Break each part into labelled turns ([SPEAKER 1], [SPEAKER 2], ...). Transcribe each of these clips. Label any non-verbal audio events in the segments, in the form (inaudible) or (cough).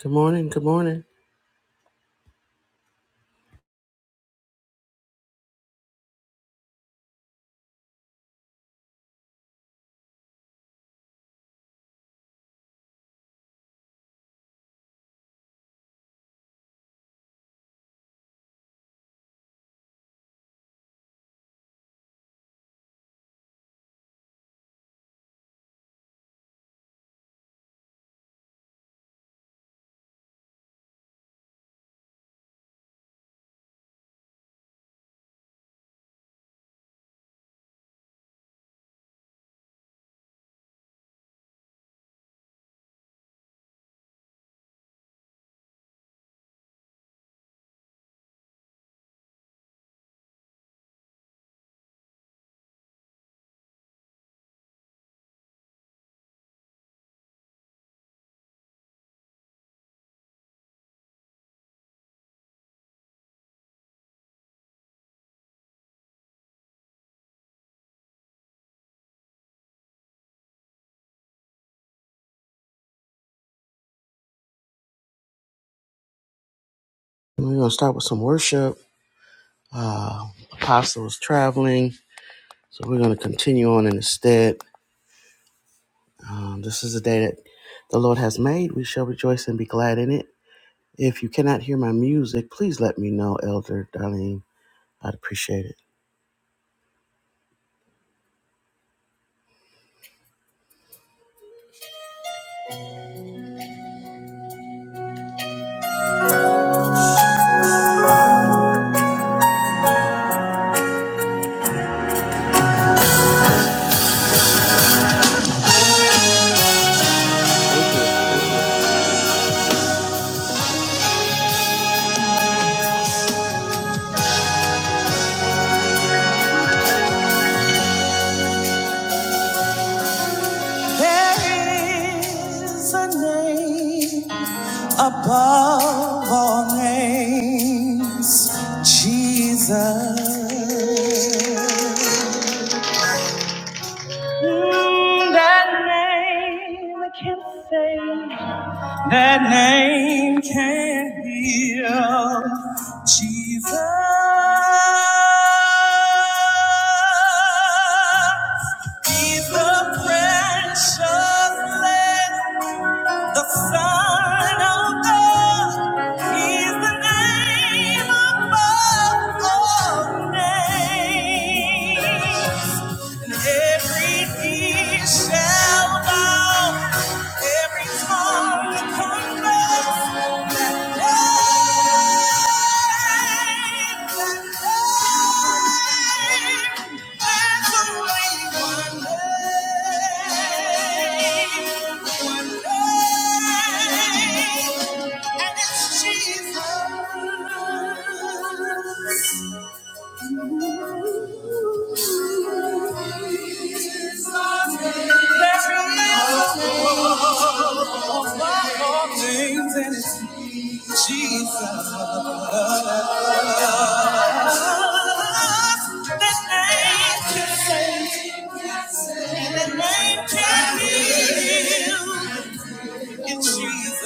[SPEAKER 1] Good morning. Good morning. We're going to start with some worship. Uh, Apostle is traveling, so we're going to continue on in his stead. Um, this is a day that the Lord has made. We shall rejoice and be glad in it. If you cannot hear my music, please let me know, Elder Darlene. I'd appreciate it. There is a name above all names, Jesus. That name I can't say. That name can heal. Jesus. He's the precious Lamb, the Son of God. He's the name above all names. Every knee shall bow, every tongue confess that name, that name, there's only one name, one name, and it's Jesus. There's no name Like all things in Jesus. That name can save, and that name can heal. In Jesus.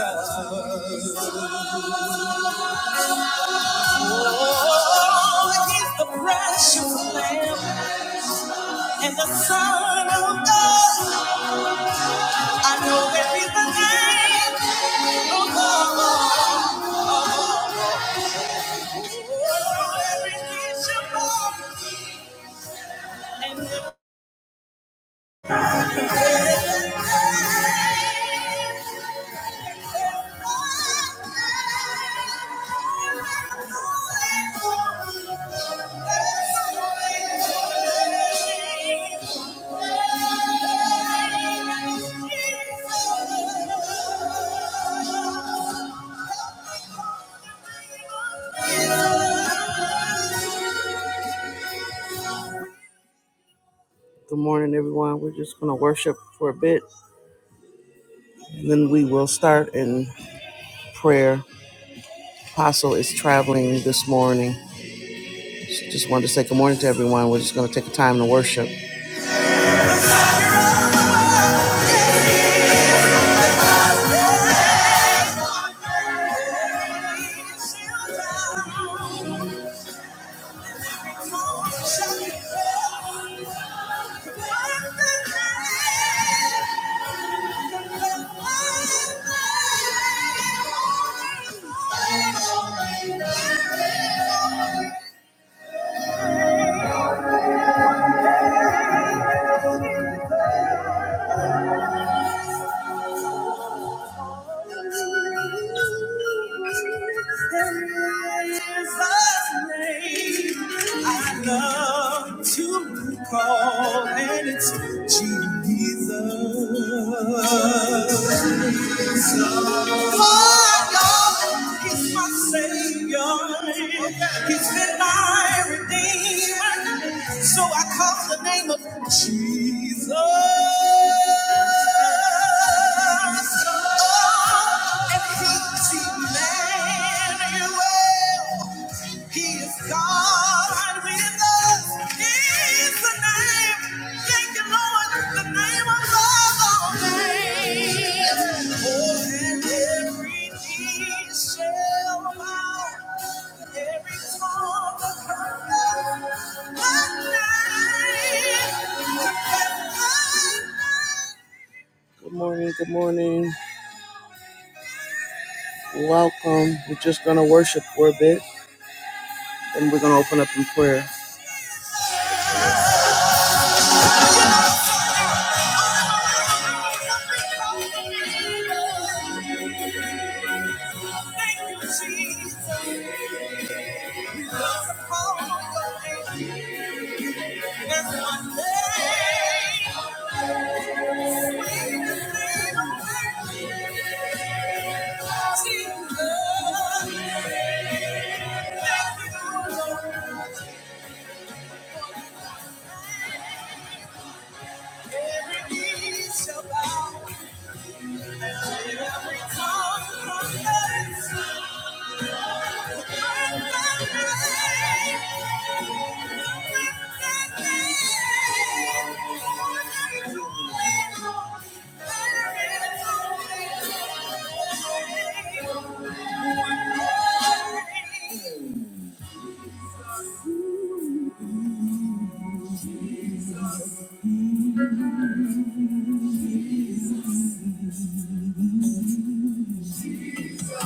[SPEAKER 1] Oh, he's the precious lamb and the son of God. I know there is a name, oh God. Oh, every knee shall bow. And Good morning, everyone. We're just going to worship for a bit, and then we will start in prayer. Apostle is traveling this morning. Just wanted to say good morning to everyone. We're just going to take a time to worship. I love to call, and it's Jesus. Oh, God, He's my Savior. He's been my Redeemer. So I call the name of Jesus. Oh, and He's Emmanuel. He is God with us. He is the name. Thank you, Lord. The name above all names. Oh, and every knee shall bow. Every tongue will confess my name. Good morning. Good morning. Welcome. We're just going to worship for a bit, and we're going to open up in prayer. Thank you, Jesus. We love to call your name. There's one name we believe in, Jesus. Thank you, Lord. Every knee shall bow. and Every tongue confess. Thank you.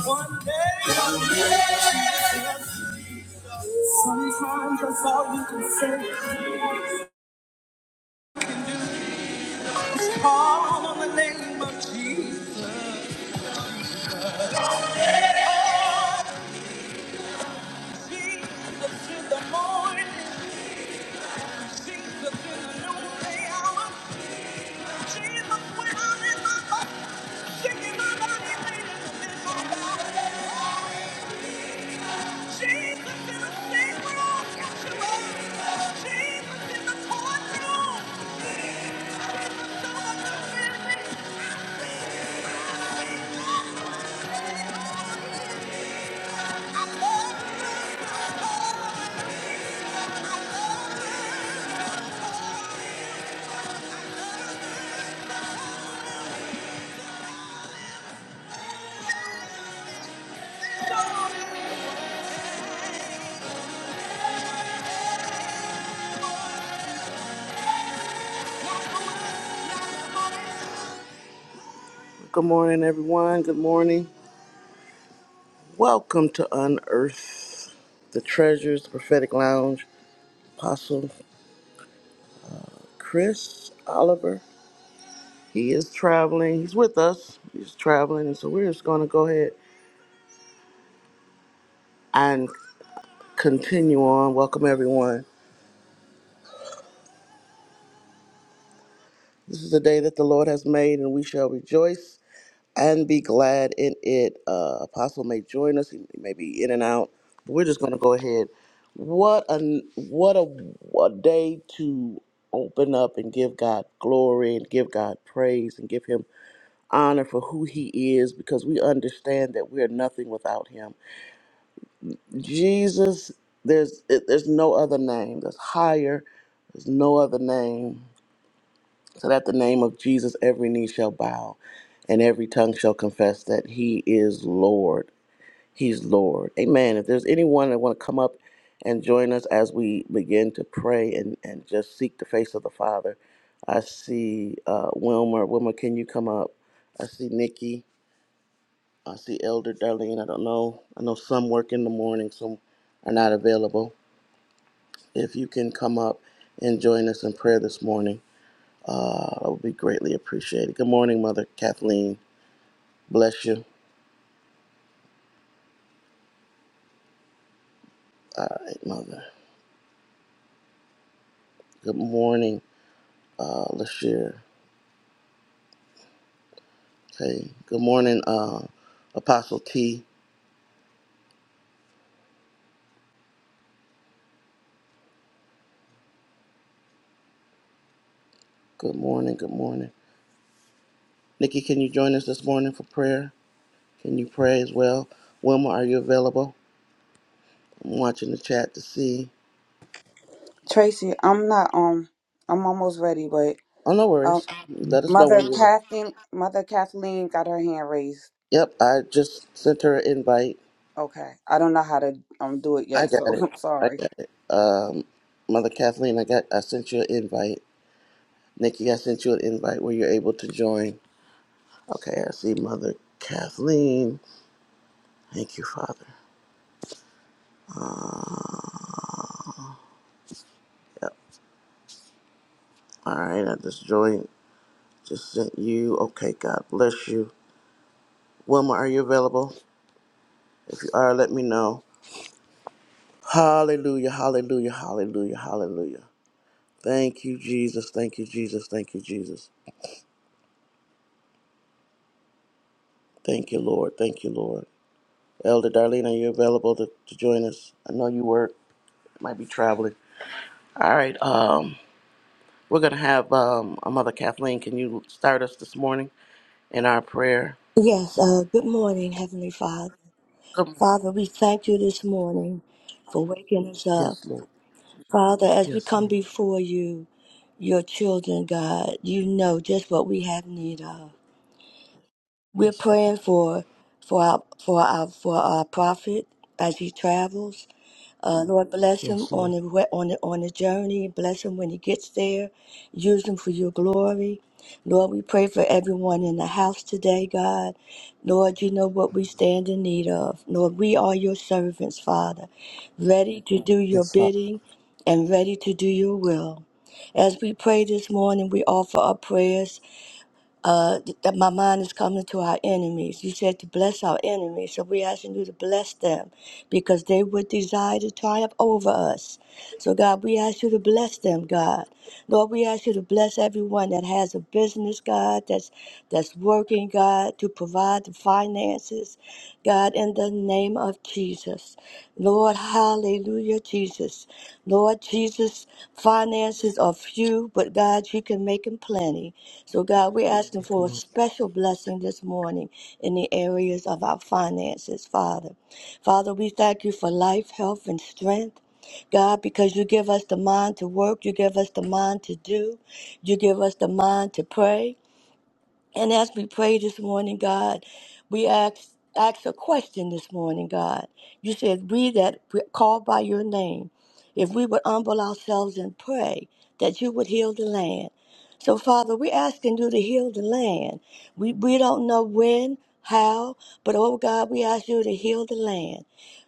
[SPEAKER 1] One day, one day. sometimes that's all you can say. Call on the name of Jesus. Jesus in the morning, Jesus in the noonday hour, Jesus when I'm in my body, shaking my body, leaning in my body. Jesus in the same room, got you up. Jesus in the courtroom, Jesus in the courtroom, Good morning, everyone. Good morning. Welcome to Unearth the Treasures the Prophetic Lounge. Apostle Chris Oliver. He is traveling. He's with us. He's traveling, and so we're just going to go ahead and continue on. Welcome, everyone. This is the day that the Lord has made, and we shall rejoice and be glad in it. Uh, Apostle may join us; he may be in and out. But we're just going to go ahead. What a what a, a day to open up and give God glory and give God praise and give Him honor for who He is, because we understand that we are nothing without Him. Jesus, there's there's no other name that's higher. There's no other name. So that the name of Jesus, every knee shall bow and every tongue shall confess that he is Lord. He's Lord. Amen. If there's anyone that want to come up and join us as we begin to pray and, and just seek the face of the Father, I see uh, Wilmer. Wilmer, can you come up? I see Nikki. I see Elder Darlene. I don't know. I know some work in the morning, some are not available. If you can come up and join us in prayer this morning. I would be greatly appreciated. Good morning, Mother Kathleen. Bless you. All right, Mother. Good morning, uh, Lashir. Okay. Good morning, uh, Apostle T. Good morning. Good morning. Nikki, can you join us this morning for prayer? Can you pray as well? Wilma, are you available? I'm watching the chat to see.
[SPEAKER 2] Tracy, I'm not um I'm almost ready, but
[SPEAKER 1] Oh, no
[SPEAKER 2] um
[SPEAKER 1] worries. Let us know when
[SPEAKER 2] Mother
[SPEAKER 1] you're ready.
[SPEAKER 2] Kathleen Mother Kathleen got her hand raised.
[SPEAKER 1] Yep, I just sent her an invite.
[SPEAKER 2] Okay. I don't know how to um do it
[SPEAKER 1] I
[SPEAKER 2] yet,
[SPEAKER 1] got
[SPEAKER 2] so (laughs)
[SPEAKER 1] it.
[SPEAKER 2] I'm
[SPEAKER 1] I
[SPEAKER 2] sorry.
[SPEAKER 1] got it. Um, Mother Kathleen, I got. I sent you an invite. Nikki, I sent you an invite where you're able to join. Okay, I see Mother Kathleen. Thank you, Father. Yep. All right, I just joined. Just sent you. Okay, God bless you. Wilma, are you available? If you are, let me know. Hallelujah, hallelujah, hallelujah, hallelujah. Thank you, Jesus. Thank you, Jesus. Thank you, Jesus. Thank you, Lord. Thank you, Lord. Elder Darlene, are you available to, to join us? I know you work, might be traveling. All right. Um, We're going to have um, a Mother Kathleen. Can you start us this morning in our prayer?
[SPEAKER 3] Yes, uh, good morning, Heavenly Father.
[SPEAKER 1] Come on.
[SPEAKER 3] Father, we thank you this morning for waking us up.
[SPEAKER 1] Yes, Lord.
[SPEAKER 3] Father, as we
[SPEAKER 1] Yes,
[SPEAKER 3] come
[SPEAKER 1] Lord.
[SPEAKER 3] before you, your children, God, you know just what we have need of. We're
[SPEAKER 1] Yes,
[SPEAKER 3] praying
[SPEAKER 1] Father.
[SPEAKER 3] for for our for our for our prophet as he travels. Uh, Lord, bless him
[SPEAKER 1] Yes,
[SPEAKER 3] on
[SPEAKER 1] Lord.
[SPEAKER 3] the, we- on the on the journey. Bless him when he gets there. Use him for your glory. Lord, we pray for everyone in the house today, God. Lord, you know what we stand in need of. Lord, we are your servants, Father, ready to do your
[SPEAKER 1] Yes, Father.
[SPEAKER 3] bidding and ready to do your will. As we pray this morning, we offer our prayers uh, th- that my mind is coming to our enemies. You said to bless our enemies, so we're asking you to bless them because they would desire to triumph over us. So, God, we ask you to bless them, God. Lord, we ask you to bless everyone that has a business, God, that's that's working, God, to provide the finances, God, in the name of Jesus. Lord, hallelujah, Jesus. Lord Jesus, finances are few, but God, you can make them plenty. So, God, we're asking for a special blessing this morning in the areas of our finances, Father. Father, we thank you for life, health, and strength. God, because you give us the mind to work, you give us the mind to do, you give us the mind to pray. And as we pray this morning, God, we ask ask a question this morning, God. You said, "We that we- call by your name, if we would humble ourselves and pray, that you would heal the land." So, Father, we're asking you to heal the land. We we don't know when, how, but oh God, we ask you to heal the land.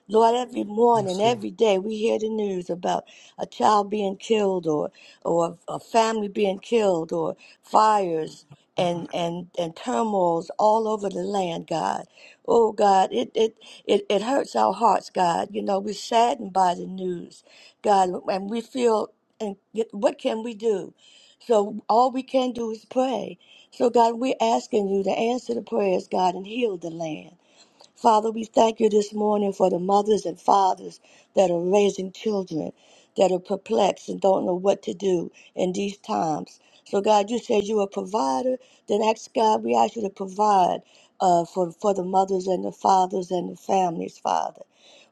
[SPEAKER 3] Lord, every morning,
[SPEAKER 1] Yes, Lord.
[SPEAKER 3] every day, we hear the news about a child being killed or, or a family being killed or fires and, and, and turmoils all over the land, God. Oh, God, it, it, it, it hurts our hearts, God. You know, we're saddened by the news, God, and we feel, and yet what can we do? So all we can do is pray. So, God, we're asking you to answer the prayers, God, and heal the land. Father, we thank you this morning for the mothers and fathers that are raising children that are perplexed and don't know what to do in these times. So, God, you said you're a provider. Then ask God, we ask you to provide uh, for, for the mothers and the fathers and the families, Father.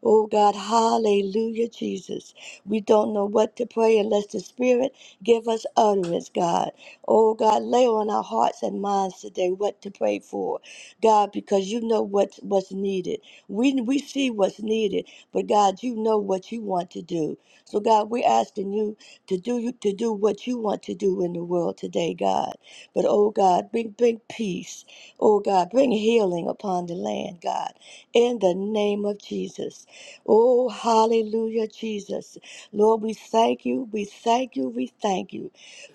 [SPEAKER 3] Oh God, hallelujah, Jesus. We don't know what to pray unless the Spirit give us utterance, God. Oh God, lay on our hearts and minds today what to pray for. God, because you know what's what's needed. We we see what's needed, but God, you know what you want to do. So God, we're asking you to do you to do what you want to do in the world today, God. But oh God, bring bring peace. Oh God, bring healing upon the land, God. In the name of Jesus. Oh hallelujah, Jesus. Lord, we thank you, we thank you, we thank you.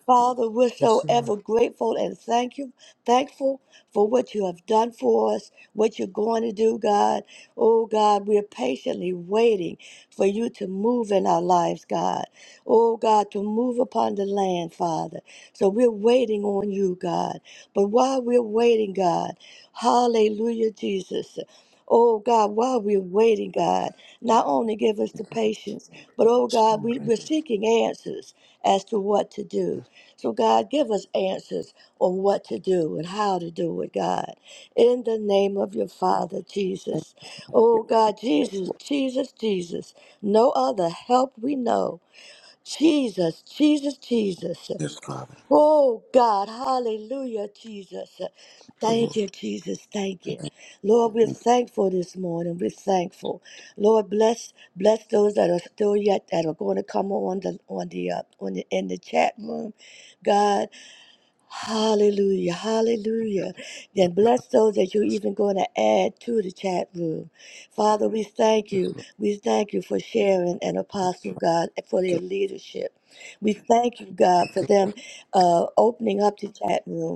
[SPEAKER 3] Father, we're so
[SPEAKER 1] Yes, Lord.
[SPEAKER 3] ever grateful and thank you, thankful for what you have done for us, what you're going to do, God. Oh, God, we're patiently waiting for you to move in our lives, God. Oh, God, to move upon the land, Father. So we're waiting on you, God. But while we're waiting, God, hallelujah, Jesus. Oh God, while we're waiting, God, not only give us the patience, but oh
[SPEAKER 1] Yes,
[SPEAKER 3] God,
[SPEAKER 1] Lord.
[SPEAKER 3] we,
[SPEAKER 1] Right
[SPEAKER 3] we're
[SPEAKER 1] there.
[SPEAKER 3] seeking answers as to what to do. So, God, give us answers on what to do and how to do it, God. In the name of your Father,
[SPEAKER 1] Thank
[SPEAKER 3] Jesus.
[SPEAKER 1] you.
[SPEAKER 3] Oh, God,
[SPEAKER 1] Yes,
[SPEAKER 3] Jesus,
[SPEAKER 1] Lord.
[SPEAKER 3] Jesus, Jesus. No other help we know. Jesus, Jesus, Jesus.
[SPEAKER 1] Yes, Father.
[SPEAKER 3] Oh, God, hallelujah, Jesus.
[SPEAKER 1] Yes, Lord.
[SPEAKER 3] Thank you, Jesus. Thank you. Lord, we're
[SPEAKER 1] Thank you.
[SPEAKER 3] thankful this morning. We're thankful. Lord, bless bless those that are still yet that are going to come on the on the uh, on the in the chat room. God, Hallelujah, hallelujah. Then bless those that you're even going to add to the chat room. Father, we thank
[SPEAKER 1] Yes,
[SPEAKER 3] you.
[SPEAKER 1] Lord.
[SPEAKER 3] We thank you for Sharon and Apostle God and for
[SPEAKER 1] Thank
[SPEAKER 3] their
[SPEAKER 1] you.
[SPEAKER 3] leadership. We thank you, God, for them uh, opening up the chat room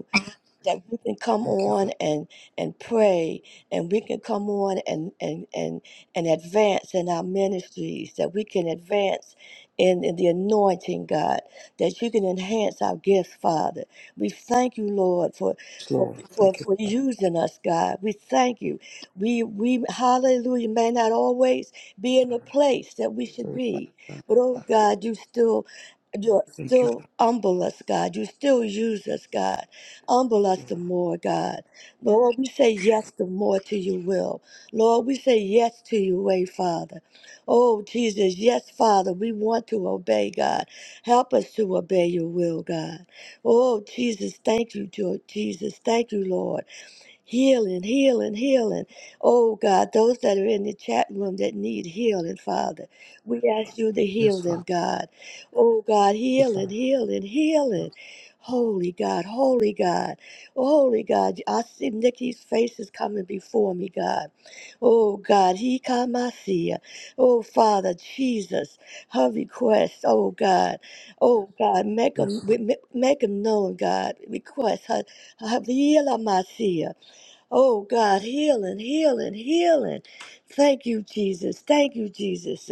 [SPEAKER 3] that we can come
[SPEAKER 1] Thank you,
[SPEAKER 3] on
[SPEAKER 1] Father.
[SPEAKER 3] and and pray and we can come on and and and and advance in our ministries that we can advance in, in the anointing god that you can enhance our gifts father we thank you lord for
[SPEAKER 1] Yes,
[SPEAKER 3] for
[SPEAKER 1] Lord.
[SPEAKER 3] for,
[SPEAKER 1] Thank you.
[SPEAKER 3] for using us god we thank you we we hallelujah may not always be in the place that we should
[SPEAKER 1] Lord. Thank
[SPEAKER 3] be
[SPEAKER 1] you, Father.
[SPEAKER 3] but oh
[SPEAKER 1] Thank you,
[SPEAKER 3] god you still you
[SPEAKER 1] Thank you,
[SPEAKER 3] still
[SPEAKER 1] Father.
[SPEAKER 3] humble us, God. You still use us, God. Humble us
[SPEAKER 1] Lord.
[SPEAKER 3] the more, God. Lord, we say yes the more to your will. Lord, we say yes to your way, Father. Oh, Jesus, yes, Father, we want to obey, God. Help us to obey your will, God. Oh, Jesus, thank you, Jo- Jesus. Thank you, Lord. Healing, healing, healing. Oh God, those that are in the chat room that need healing, Father, we ask you to
[SPEAKER 1] Yes,
[SPEAKER 3] heal
[SPEAKER 1] Father.
[SPEAKER 3] them, God. Oh God,
[SPEAKER 1] Yes,
[SPEAKER 3] healing,
[SPEAKER 1] Father.
[SPEAKER 3] healing, healing. Holy God, holy God, holy God. I see Nikki's face is coming before me, God. Oh God, he come, I see ya. Oh Father, Jesus, her request, oh God. Oh God, make them,
[SPEAKER 1] Yes, Father.
[SPEAKER 3] make them known, God. Request her, her, heal her, my seer. Oh God, healing, healing, healing. Thank you, Jesus. Thank you, Jesus.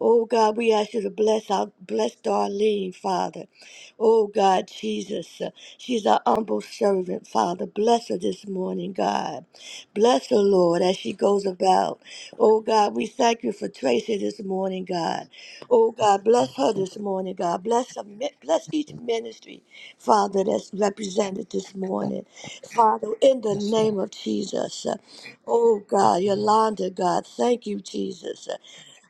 [SPEAKER 3] Oh God, we ask you to bless our bless Darlene, Father. Oh God, Jesus. She's our humble servant, Father. Bless her this morning, God. Bless her, Lord, as she goes about. Oh God, we thank you for Tracy this morning, God. Oh God, bless her this morning, God. Bless her, bless each ministry Father, that's represented this morning. Father, in the
[SPEAKER 1] Yes, Father.
[SPEAKER 3] name of Jesus. uh, Oh God,
[SPEAKER 1] Lord.
[SPEAKER 3] Yolanda, God, thank you, Jesus. Uh,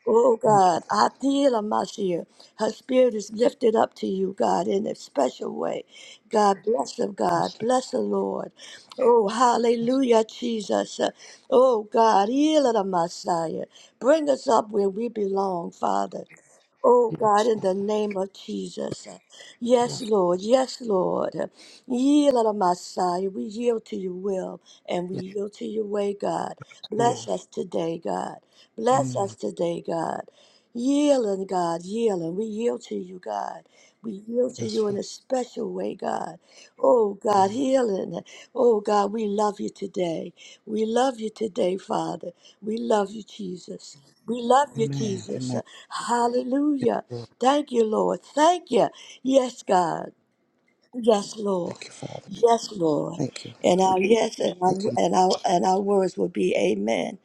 [SPEAKER 3] Oh
[SPEAKER 1] Thank you.
[SPEAKER 3] God, I feel Amasia. Her spirit is lifted up to you, God, in a special way. God bless her, God. Bless the Lord. Oh, hallelujah, Jesus. Uh, Oh God, heal the Messiah. Bring us up where we belong, Father. Oh
[SPEAKER 1] Yes,
[SPEAKER 3] God, in
[SPEAKER 1] Father.
[SPEAKER 3] the name of Jesus. Yes,
[SPEAKER 1] Yes,
[SPEAKER 3] Lord. Yes, Lord. Yield on Messiah. We yield to your will and we
[SPEAKER 1] yes,
[SPEAKER 3] yield to your way, God.
[SPEAKER 1] Lord.
[SPEAKER 3] Bless us today, God. Bless
[SPEAKER 1] Mm.
[SPEAKER 3] us today, God. Yielding, God, yielding. We yield to you, God. We yield to
[SPEAKER 1] Yes,
[SPEAKER 3] you in
[SPEAKER 1] Father.
[SPEAKER 3] a special way, God. Oh God,
[SPEAKER 1] Amen.
[SPEAKER 3] healing. Oh God, we love you today. We love you today, Father. We love you, Jesus. We love you,
[SPEAKER 1] Amen.
[SPEAKER 3] Jesus.
[SPEAKER 1] Amen. Yes,
[SPEAKER 3] Hallelujah.
[SPEAKER 1] Lord.
[SPEAKER 3] Thank you, Lord. Thank you. Yes, God. Yes,
[SPEAKER 1] Thank
[SPEAKER 3] Lord.
[SPEAKER 1] you, Father.
[SPEAKER 3] Yes, Lord.
[SPEAKER 1] Thank you.
[SPEAKER 3] And our yes and our
[SPEAKER 1] Thank you.
[SPEAKER 3] and our, and our words will be amen.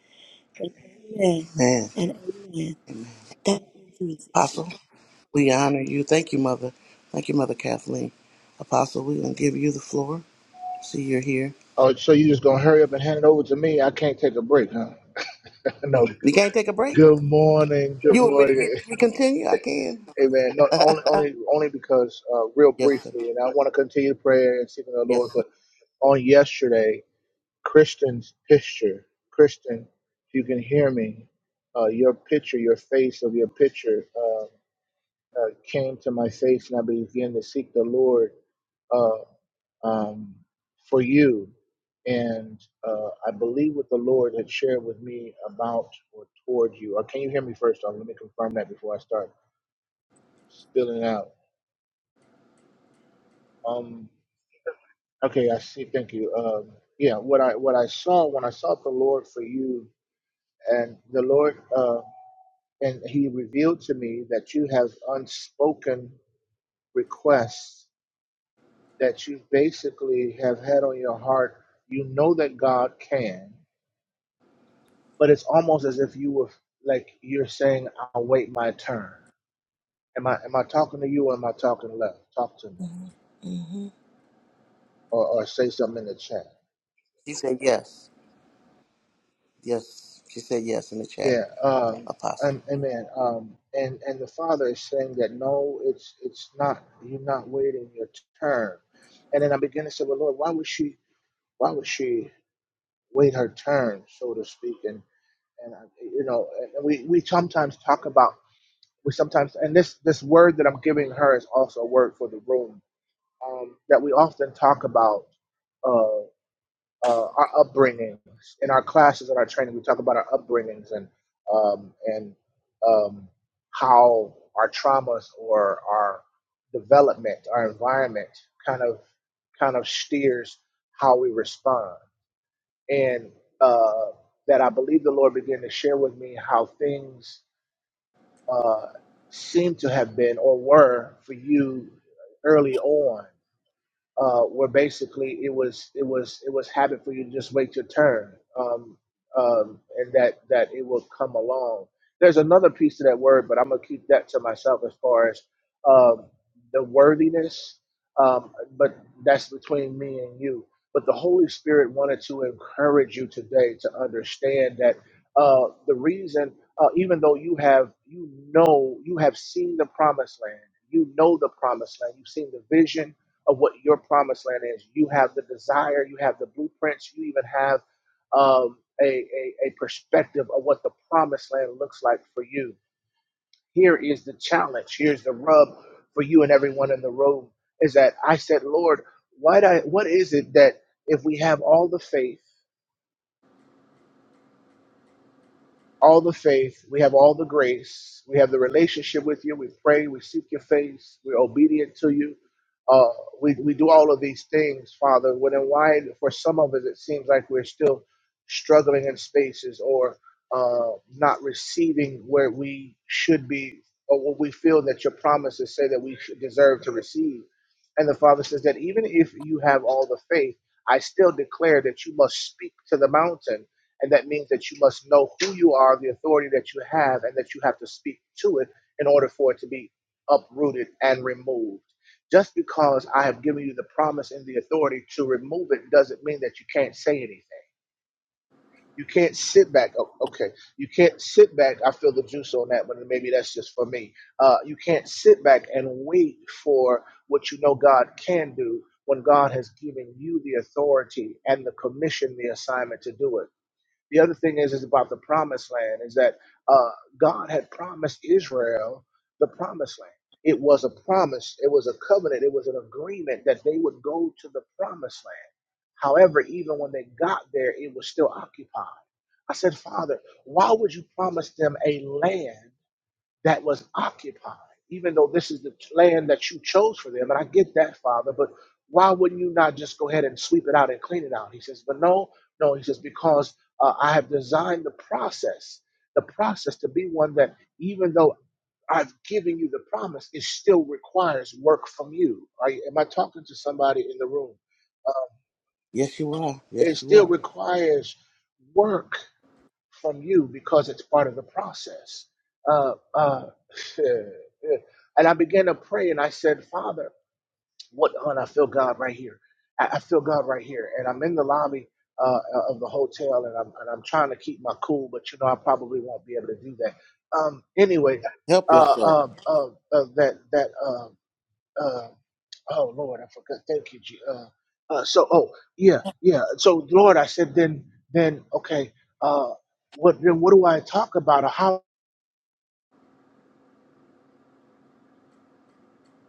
[SPEAKER 3] And amen.
[SPEAKER 1] Amen.
[SPEAKER 3] And amen.
[SPEAKER 1] Amen.
[SPEAKER 3] Thank you, Jesus.
[SPEAKER 1] Apostle, we honor you. Thank you, Mother. Thank you, Mother Kathleen. Apostle, we're going to give you the floor. See, you're here.
[SPEAKER 4] Oh, so you just gonna hurry up and hand it over to me? I can't take a break, huh? (laughs) No.
[SPEAKER 1] You can't take a break?
[SPEAKER 4] Good morning. Good
[SPEAKER 1] You want me to get,
[SPEAKER 4] morning.
[SPEAKER 1] we continue?
[SPEAKER 4] (laughs)
[SPEAKER 1] I can.
[SPEAKER 4] Amen. No, only, only, only because uh, real
[SPEAKER 1] Yes, sir.
[SPEAKER 4] briefly, and I want to continue prayer and seeking the
[SPEAKER 1] Yes,
[SPEAKER 4] Lord.
[SPEAKER 1] sir.
[SPEAKER 4] But on yesterday, Kristen's picture, Kristen, if you can hear me, uh, your picture, your face of your picture, uh, uh, came to my face, and I began to seek the Lord. uh, um, for you. And uh, I believe what the Lord had shared with me about or toward you. Or can you hear me first? Um, let me confirm that before I start spilling out. Um, okay, I see. Thank you. Um, yeah, what I what I saw when I sought the Lord for you, and the Lord uh, and He revealed to me that you have unspoken requests that you basically have had on your heart. You know that God can. but it's almost as if you were like you're saying, "I'll wait my turn." Am I am I talking to you or am I talking left? Talk to me, or, or say something in the chat.
[SPEAKER 1] She said yes. Yes. She said yes in the chat,
[SPEAKER 4] Yeah, um,
[SPEAKER 1] Apostle.
[SPEAKER 4] and, amen. Um, and and the Father is saying that no, it's it's not. You're not waiting your turn. And then I begin to say, well, Lord, why would she? Why would she wait her turn, so to speak? And and I, you know, and we we sometimes talk about we sometimes and this this word that I'm giving her is also a word for the room um, that we often talk about uh, uh, our upbringings in our classes and our training. We talk about our upbringings and um, and um, how our traumas or our development, our environment, kind of kind of steers how we respond. And uh, that I believe the Lord began to share with me how things uh, seem to have been or were for you early on uh, where basically it was it was it was habit for you to just wait your turn, um, um, and that that it will come along. There's another piece to that word, but I'm gonna keep that to myself as far as um, the worthiness. Um, but that's between me and you. But the Holy Spirit wanted to encourage you today to understand that uh, the reason, uh, even though you have you know you have seen the promised land, you know the promised land, you've seen the vision of what your promised land is. You have the desire, you have the blueprints, you even have um, a, a, a perspective of what the promised land looks like for you. Here is the challenge. Here's the rub for you and everyone in the room is that I said, Lord, why do I, what is it that if we have all the faith all the faith, we have all the grace, we have the relationship with you, we pray, we seek your face, we're obedient to you. Uh, we, we do all of these things, Father, when and why for some of us it seems like we're still struggling in spaces or uh, not receiving where we should be or what we feel that your promises say that we should deserve to receive. And the Father says that even if you have all the faith, I still declare that you must speak to the mountain and that means that you must know who you are, the authority that you have, and that you have to speak to it in order for it to be uprooted and removed. Just because I have given you the promise and the authority to remove it doesn't mean that you can't say anything. You can't sit back. Oh, okay. You can't sit back. I feel the juice on that one. Maybe that's just for me. Uh, you can't sit back and wait for what you know God can do when God has given you the authority and the commission, the assignment to do it the other thing is is about the promised land is that uh, God had promised Israel the promised land. It was a promise, it was a covenant, it was an agreement that they would go to the promised land. However, even when they got there, it was still occupied. I said, Father, why would you promise them a land that was occupied, even though this is the land that you chose for them. And I get that, Father, but why wouldn't you not just go ahead and sweep it out and clean it out? He says, but no, no, he says, because uh, I have designed the process, the process to be one that even though I've given you the promise, it still requires work from you. Are, you- am I talking to somebody in the room?
[SPEAKER 1] Yes, you are. Yes,
[SPEAKER 4] It
[SPEAKER 1] you
[SPEAKER 4] still
[SPEAKER 1] are.
[SPEAKER 4] requires work from you because it's part of the process. Uh, uh, (laughs) and I began to pray and I said, Father, what on? I feel God right here. I, I feel God right here. And I'm in the lobby uh, of the hotel and I'm, and I'm trying to keep my cool, but you know, I probably won't be able to do that. Um, anyway,
[SPEAKER 1] Help
[SPEAKER 4] uh,
[SPEAKER 1] yourself.
[SPEAKER 4] uh, uh, uh, that, that, uh, uh, Oh Lord, I forgot. Thank you, G. Uh, uh, so oh yeah, yeah. So Lord, I said then then okay. Uh, what then? What do I talk about? Or how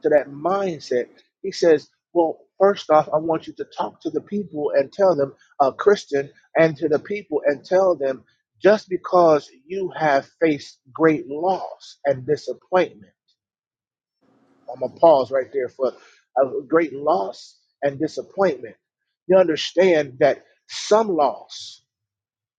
[SPEAKER 4] to that mindset? He says, well, first off, I want you to talk to the people and tell them, uh, Christian, and to the people and tell them just because you have faced great loss and disappointment. I'm gonna pause right there for a great loss and disappointment. You understand that some loss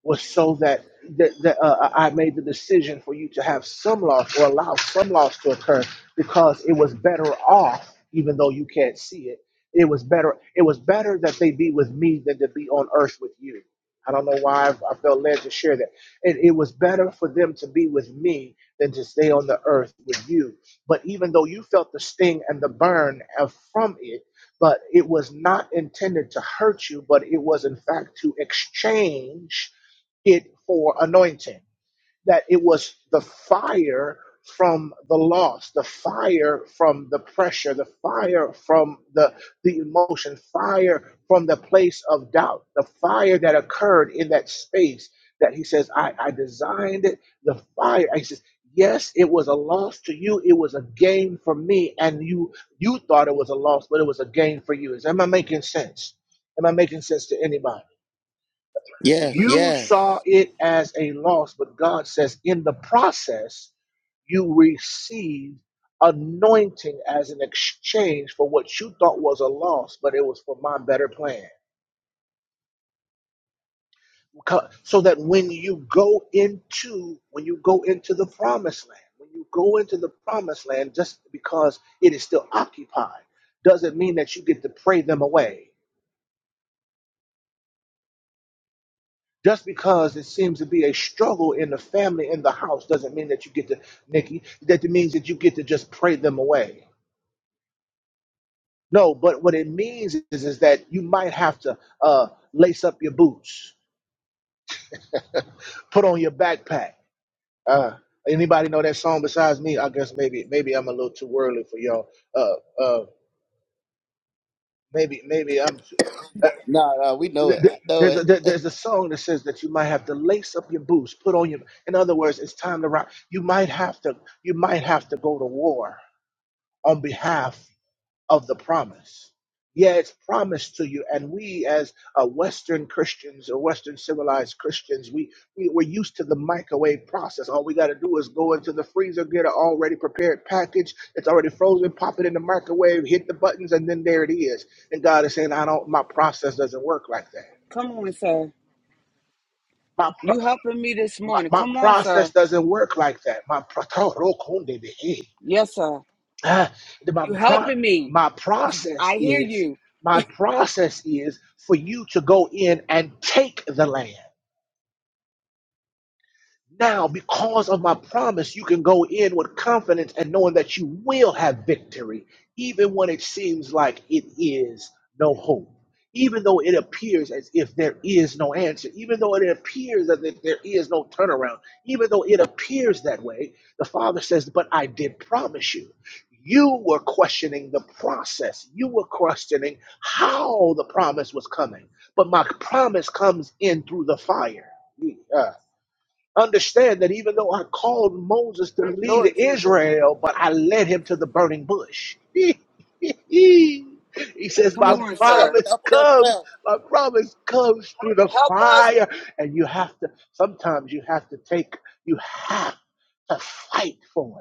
[SPEAKER 4] was so that that, that uh, I made the decision for you to have some loss or allow some loss to occur because it was better off, even though you can't see it. It was better. It was better that they be with me than to be on earth with you. I don't know why I've, I felt led to share that. And it was better for them to be with me than to stay on the earth with you. But even though you felt the sting and the burn of, from it, but it was not intended to hurt you, but it was in fact to exchange it for anointing, that it was the fire from the loss, the fire from the pressure, the fire from the, the emotion, fire from the place of doubt, the fire that occurred in that space that he says, I, I designed it, the fire. He says, Yes, it was a loss to you. It was a gain for me. And you you thought it was a loss, but it was a gain for you. Is am I making sense? Am I making sense to anybody?
[SPEAKER 1] Yes,
[SPEAKER 4] You saw
[SPEAKER 1] yes.
[SPEAKER 4] it as a loss, but God says in the process, you received anointing as an exchange for what you thought was a loss, but it was for my better plan. Co- So that when you go into when you go into the promised land, when you go into the promised land, just because it is still occupied, doesn't mean that you get to pray them away. Just because it seems to be a struggle in the family, in the house, doesn't mean that you get to, Nikki, that it means that you get to just pray them away. No, but what it means is, is that you might have to uh, lace up your boots, (laughs) put on your backpack. Uh, anybody know that song besides me? I guess maybe maybe I'm a little too worldly for y'all. Uh, uh, maybe maybe I'm. (laughs)
[SPEAKER 1] No, no, we know
[SPEAKER 4] th-
[SPEAKER 1] it. I
[SPEAKER 4] th-
[SPEAKER 1] know
[SPEAKER 4] there's a
[SPEAKER 1] it.
[SPEAKER 4] there- there's a song that says that you might have to lace up your boots, put on your. In other words, it's time to rock. You might have to you might have to go to war on behalf of the promise. Yeah, it's promised to you, and we as uh, Western Christians or Western civilized Christians, we, we we're used to the microwave process. All we got to do is go into the freezer, get an already prepared package. It's already frozen. Pop it in the microwave, hit the buttons, and then there it is. And God is saying, I don't. My process doesn't work like that
[SPEAKER 2] Come on, sir. You helping me this
[SPEAKER 4] my,
[SPEAKER 2] morning.
[SPEAKER 4] my
[SPEAKER 2] Come on,
[SPEAKER 4] process
[SPEAKER 2] sir.
[SPEAKER 4] doesn't work like that. My pro- (laughs) Torokundebehe.
[SPEAKER 2] Yes, sir.
[SPEAKER 4] Ah, the- my
[SPEAKER 2] You
[SPEAKER 4] pro-
[SPEAKER 2] helping me.
[SPEAKER 4] my process
[SPEAKER 2] I hear
[SPEAKER 4] is
[SPEAKER 2] you.
[SPEAKER 4] my process is for you to go in and take the land. Now, because of my promise, you can go in with confidence and knowing that you will have victory, even when it seems like it is no hope. Even though it appears as if there is no answer, even though it appears as if there is no turnaround, even though it appears that way, the Father says, But I did promise you. You were questioning the process. You were questioning how the promise was coming. But my promise comes in through the fire. Yeah. Understand that even though I called Moses to lead
[SPEAKER 2] Lord Jesus.
[SPEAKER 4] Israel, but I led him to the burning bush. (laughs) he says,
[SPEAKER 1] (laughs)
[SPEAKER 2] Come
[SPEAKER 4] My
[SPEAKER 1] Help
[SPEAKER 2] on,
[SPEAKER 1] yourself.
[SPEAKER 2] sir.
[SPEAKER 4] promise
[SPEAKER 1] Help
[SPEAKER 4] comes,
[SPEAKER 1] yourself.
[SPEAKER 4] my promise comes through the
[SPEAKER 2] Help us.
[SPEAKER 4] fire. And you have to, sometimes you have to take, you have to fight for it.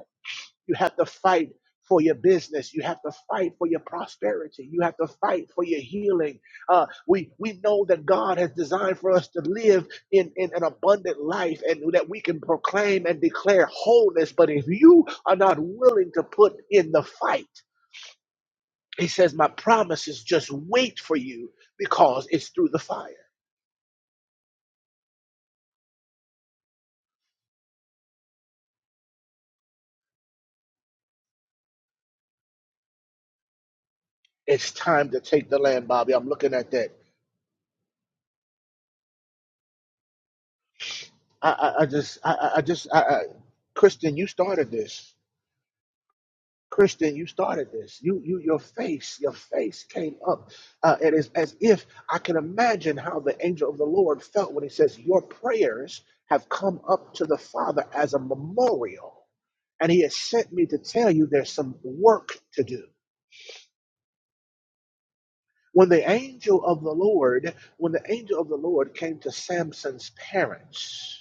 [SPEAKER 4] You have to fight for your business. You have to fight for your prosperity. You have to fight for your healing. Uh, we we know that God has designed for us to live in, in an abundant life and that we can proclaim and declare wholeness. But if you are not willing to put in the fight, he says, My promise is just wait for you because it's through the fire. It's time to take the land, Bobby. I'm looking at that. I, I, I just, I, I I just, I, I, Kristen, you started this. Christian, you started this. You, you, your face, your face came up. Uh, it is as if I can imagine how the angel of the Lord felt when he says, Your prayers have come up to the Father as a memorial. And he has sent me to tell you there's some work to do. When the angel of the Lord, when the angel of the Lord came to Samson's parents,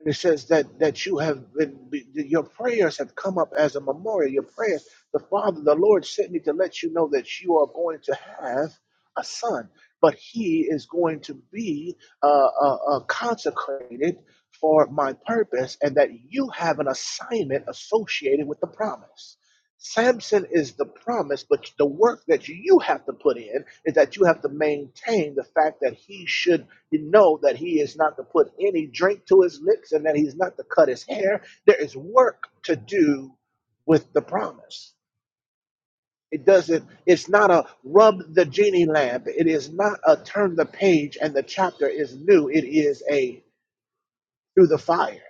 [SPEAKER 4] And it says that that you have been be- your prayers have come up as a memorial. Your prayers, the Father, the Lord sent me to let you know that you are going to have a son, but he is going to be uh, uh, uh, consecrated for my purpose, and that you have an assignment associated with the promise. Samson is the promise, but the work that you have to put in is that you have to maintain the fact that he should you know that he is not to put any drink to his lips and that he's not to cut his hair. There is work to do with the promise. It doesn't, it's not a rub the genie lamp. It is not a turn the page and the chapter is new. It is a through the fire.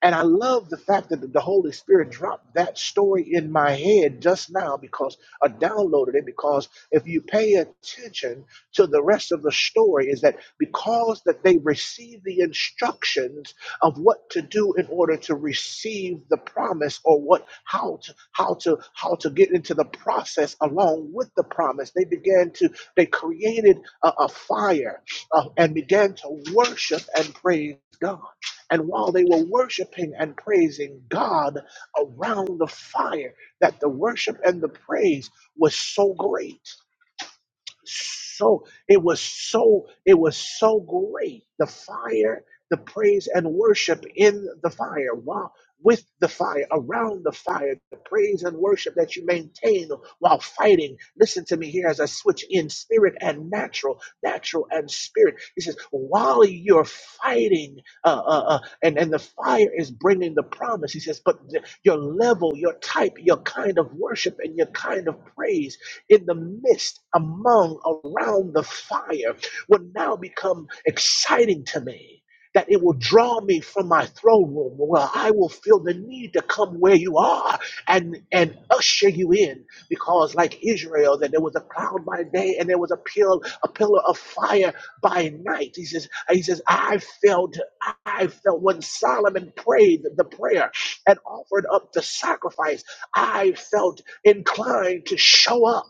[SPEAKER 4] And I love the fact that the Holy Spirit dropped that story in my head just now because I downloaded it. Because if you pay attention to the rest of the story, is that because that they received the instructions of what to do in order to receive the promise or what how to how to how to get into the process along with the promise, they began to they created a, a fire uh, and began to worship and praise God. And while they were worshiping and praising God around the fire, that the worship and the praise was so great so it was so it was so great the fire the praise and worship in the fire while with the fire around the fire the praise and worship that you maintain while fighting listen to me here as i switch in spirit and natural natural and spirit he says while you're fighting uh, uh, uh, and and the fire is bringing the promise he says but the, your level your type your kind of worship and your kind of praise in the midst, among, around the fire will now become exciting to me. That it will draw me from my throne room where I will feel the need to come where you are and, and usher you in. Because, like Israel, that there was a cloud by day and there was a, pill, a pillar of fire by night. He says, he says, I felt, I felt when Solomon prayed the prayer and offered up the sacrifice, I felt inclined to show up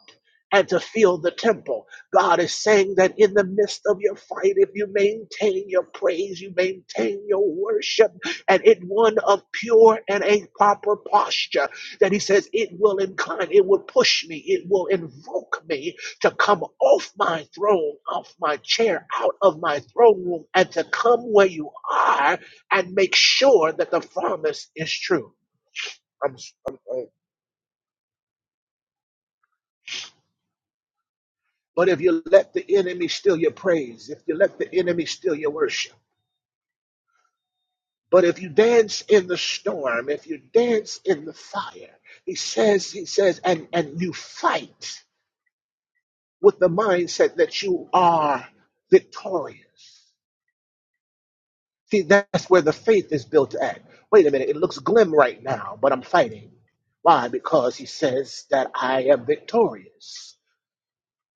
[SPEAKER 4] and to fill the temple. God is saying that in the midst of your fight, if you maintain your praise, you maintain your worship, and in one of pure and a proper posture, that He says it will incline, it will push me, it will invoke me to come off my throne, off my chair, out of my throne room, and to come where you are and make sure that the promise is true. I'm But if you let the enemy steal your praise, if you let the enemy steal your worship, but if you dance in the storm, if you dance in the fire, he says, he says, and, and you fight with the mindset that you are victorious. See, that's where the faith is built at. Wait a minute, it looks glim right now, but I'm fighting. Why? Because he says that I am victorious.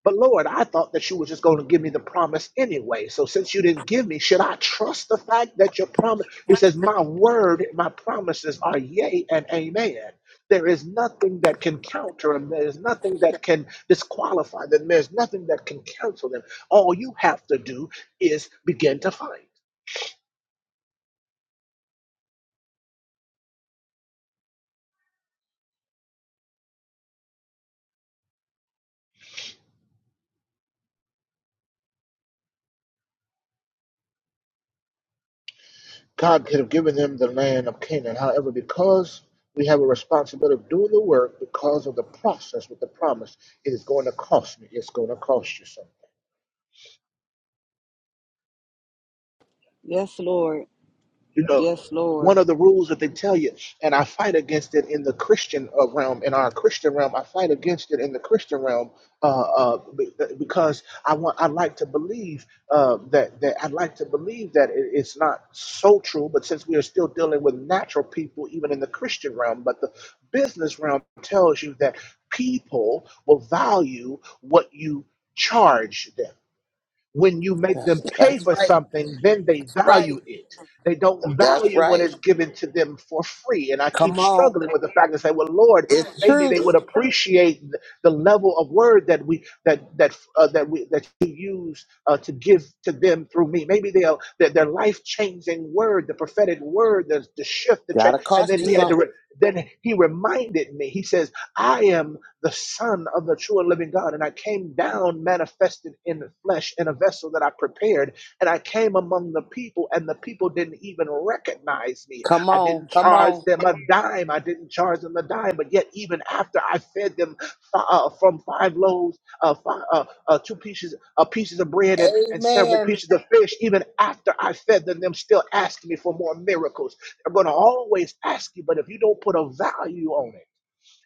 [SPEAKER 4] But Lord, I thought that you were just going to give me the promise anyway. So since you didn't give me, should I trust the fact that your promise? He says, My word, my promises are yea and amen. There is nothing that can counter them. There is nothing that can disqualify them. There's nothing that can cancel them. All you have to do is begin to fight. God could have given them the land of Canaan. However, because we have a responsibility of doing the work because of the process with the promise, it is going to cost me. It's going to cost you something.
[SPEAKER 2] Yes, Lord.
[SPEAKER 4] you know
[SPEAKER 2] Yes, Lord.
[SPEAKER 4] one of the rules that they tell you and i fight against it in the christian uh, realm in our christian realm i fight against it in the christian realm uh, uh, be- because i want i like to believe uh, that that i like to believe that it, it's not so true but since we are still dealing with natural people even in the christian realm but the business realm tells you that people will value what you charge them when you make
[SPEAKER 1] That's,
[SPEAKER 4] them pay
[SPEAKER 1] that's
[SPEAKER 4] for
[SPEAKER 1] right.
[SPEAKER 4] something, then they
[SPEAKER 1] Right.
[SPEAKER 4] value it. They don't
[SPEAKER 1] That's
[SPEAKER 4] value when
[SPEAKER 1] right.
[SPEAKER 4] it's given to them for free. And I keep
[SPEAKER 1] Come on.
[SPEAKER 4] struggling with the fact that say, well, Lord,
[SPEAKER 1] It's
[SPEAKER 4] maybe they
[SPEAKER 1] truth.
[SPEAKER 4] would appreciate th- the level of word that we that that uh, that we that you use uh, to give to them through me. Maybe they'll that their life changing word, the prophetic word, the, the shift, the change.
[SPEAKER 1] Gotta
[SPEAKER 4] And
[SPEAKER 1] cost
[SPEAKER 4] then
[SPEAKER 1] you
[SPEAKER 4] he had to
[SPEAKER 1] something.
[SPEAKER 4] re- then he reminded me. He says, I am the Son of the true and living God. And I came down manifested in the flesh in a vessel that I prepared. And I came among the people, and the people didn't even recognize me.
[SPEAKER 1] Come
[SPEAKER 4] I
[SPEAKER 1] on.
[SPEAKER 4] didn't
[SPEAKER 1] Come
[SPEAKER 4] charge
[SPEAKER 1] on.
[SPEAKER 4] them a dime. I didn't charge them a dime. But yet, even after I fed them fi- uh, from five loaves, uh, fi- uh, uh, two pieces, uh, pieces of bread, and, and several
[SPEAKER 1] Amen.
[SPEAKER 4] pieces of fish, even after I fed them, them still asking me for more miracles. They're going to always ask you, but if you don't put a value on it,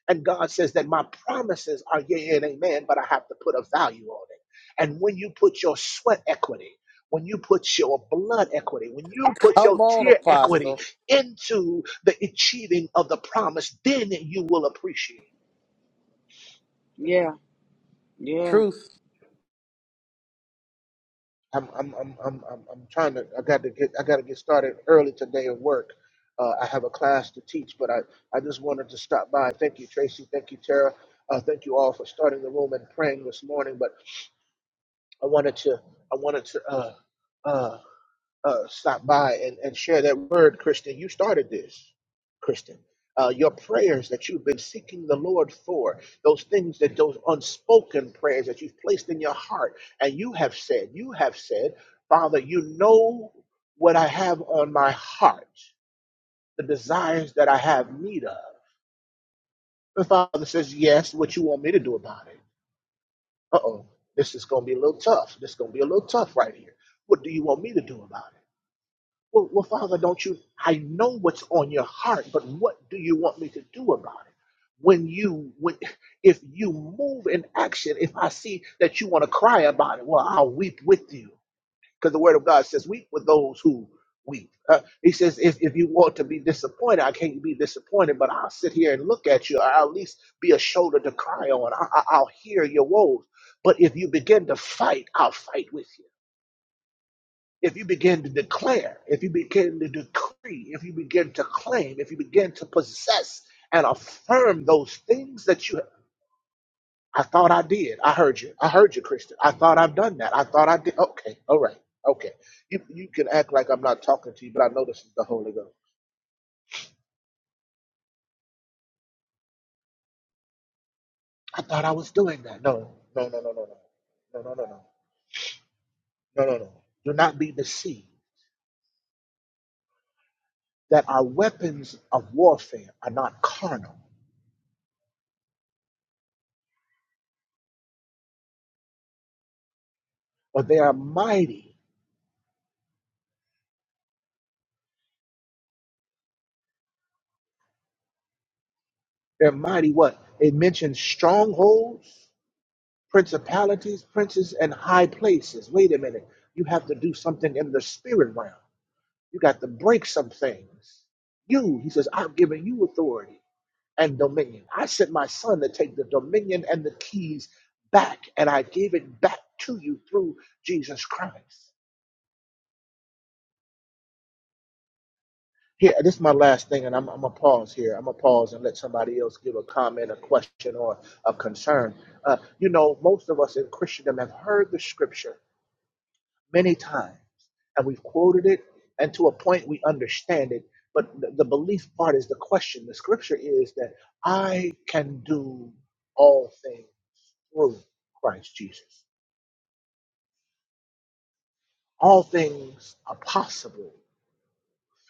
[SPEAKER 4] and God says that my promises are yea and amen, but I have to put a value on it. And when you put your sweat equity, when you put your blood equity, when you put
[SPEAKER 1] Come
[SPEAKER 4] your
[SPEAKER 1] on,
[SPEAKER 4] tear equity
[SPEAKER 1] Apostle.
[SPEAKER 4] into the achieving of the promise, then you will appreciate.
[SPEAKER 2] Yeah. Yeah.
[SPEAKER 1] Truth.
[SPEAKER 4] I'm I'm I'm I'm I'm, I'm trying to. I got to get I got to get started early today at work. Uh, I have a class to teach, but I I just wanted to stop by. Thank you, Tracy. Thank you, Tara. Uh, thank you all for starting the room and praying this morning. But I wanted to I wanted to uh, uh, uh, stop by and, and share that word, Christian. You started this, Christian. Uh, your prayers that you've been seeking the Lord for, those things that those unspoken prayers that you've placed in your heart, and you have said, you have said, Father, you know what I have on my heart, the desires that I have need of. The Father says, Yes, what you want me to do about it. uh oh, this is going to be a little tough. This is going to be a little tough right here. What do you want me to do about it? Well, well, Father, don't you? I know what's on your heart, but what do you want me to do about it? When you, when, if you move in action, if I see that you want to cry about it, well, I'll weep with you. Because the word of God says, weep with those who weep. Uh, he says, if, if you want to be disappointed, I can't be disappointed, but I'll sit here and look at you. I'll at least be a shoulder to cry on. I, I- I'll hear your woes. But if you begin to fight, I'll fight with you. If you begin to declare, if you begin to decree, if you begin to claim, if you begin to possess and affirm those things that you I thought I did. I heard you. I heard you, Christian. I thought I've done that. I thought I did. Okay. All right. Okay. You you can act like I'm not talking to you, but I know this is the Holy Ghost. I thought I was doing that. No, no, no, no, no, no, no, no, no, no, no, no, no. Do not be deceived that our weapons of warfare are not carnal, but they are mighty. They're mighty. What it mentions strongholds, principalities, princes, and high places. Wait a minute. You have to do something in the spirit realm. You got to break some things. You, he says, I've given you authority and dominion. I sent my son to take the dominion and the keys back, and I gave it back to you through Jesus Christ. Here, this is my last thing, and I'm, I'm going to pause here. I'm going to pause and let somebody else give a comment, a question, or a concern. Uh, you know, most of us in Christendom have heard the scripture many times and we've quoted it and to a point we understand it but the, the belief part is the question the scripture is that i can do all things through christ jesus all things are possible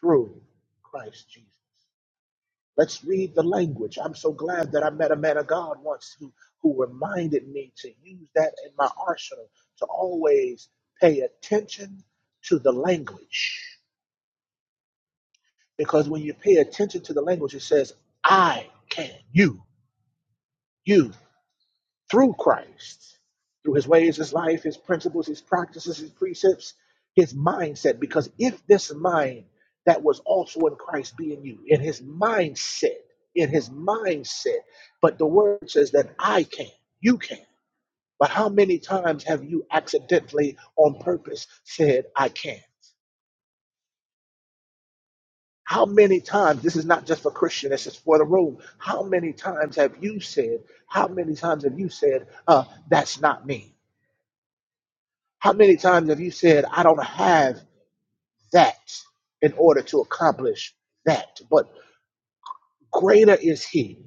[SPEAKER 4] through christ jesus let's read the language i'm so glad that i met a man of god once who who reminded me to use that in my arsenal to always pay attention to the language Because when you pay attention to the language, it says, I can, you, you, through Christ, through his ways, his life, his principles, his practices, his precepts, his mindset. Because if this mind that was also in Christ be in you, in his mindset, in his mindset, but the word says that I can, you can. But how many times have you accidentally on purpose said, I can? not How many times, this is not just for Christian, this is for the room. How many times have you said, how many times have you said, uh, that's not me? How many times have you said, I don't have that in order to accomplish that? But Greater is he.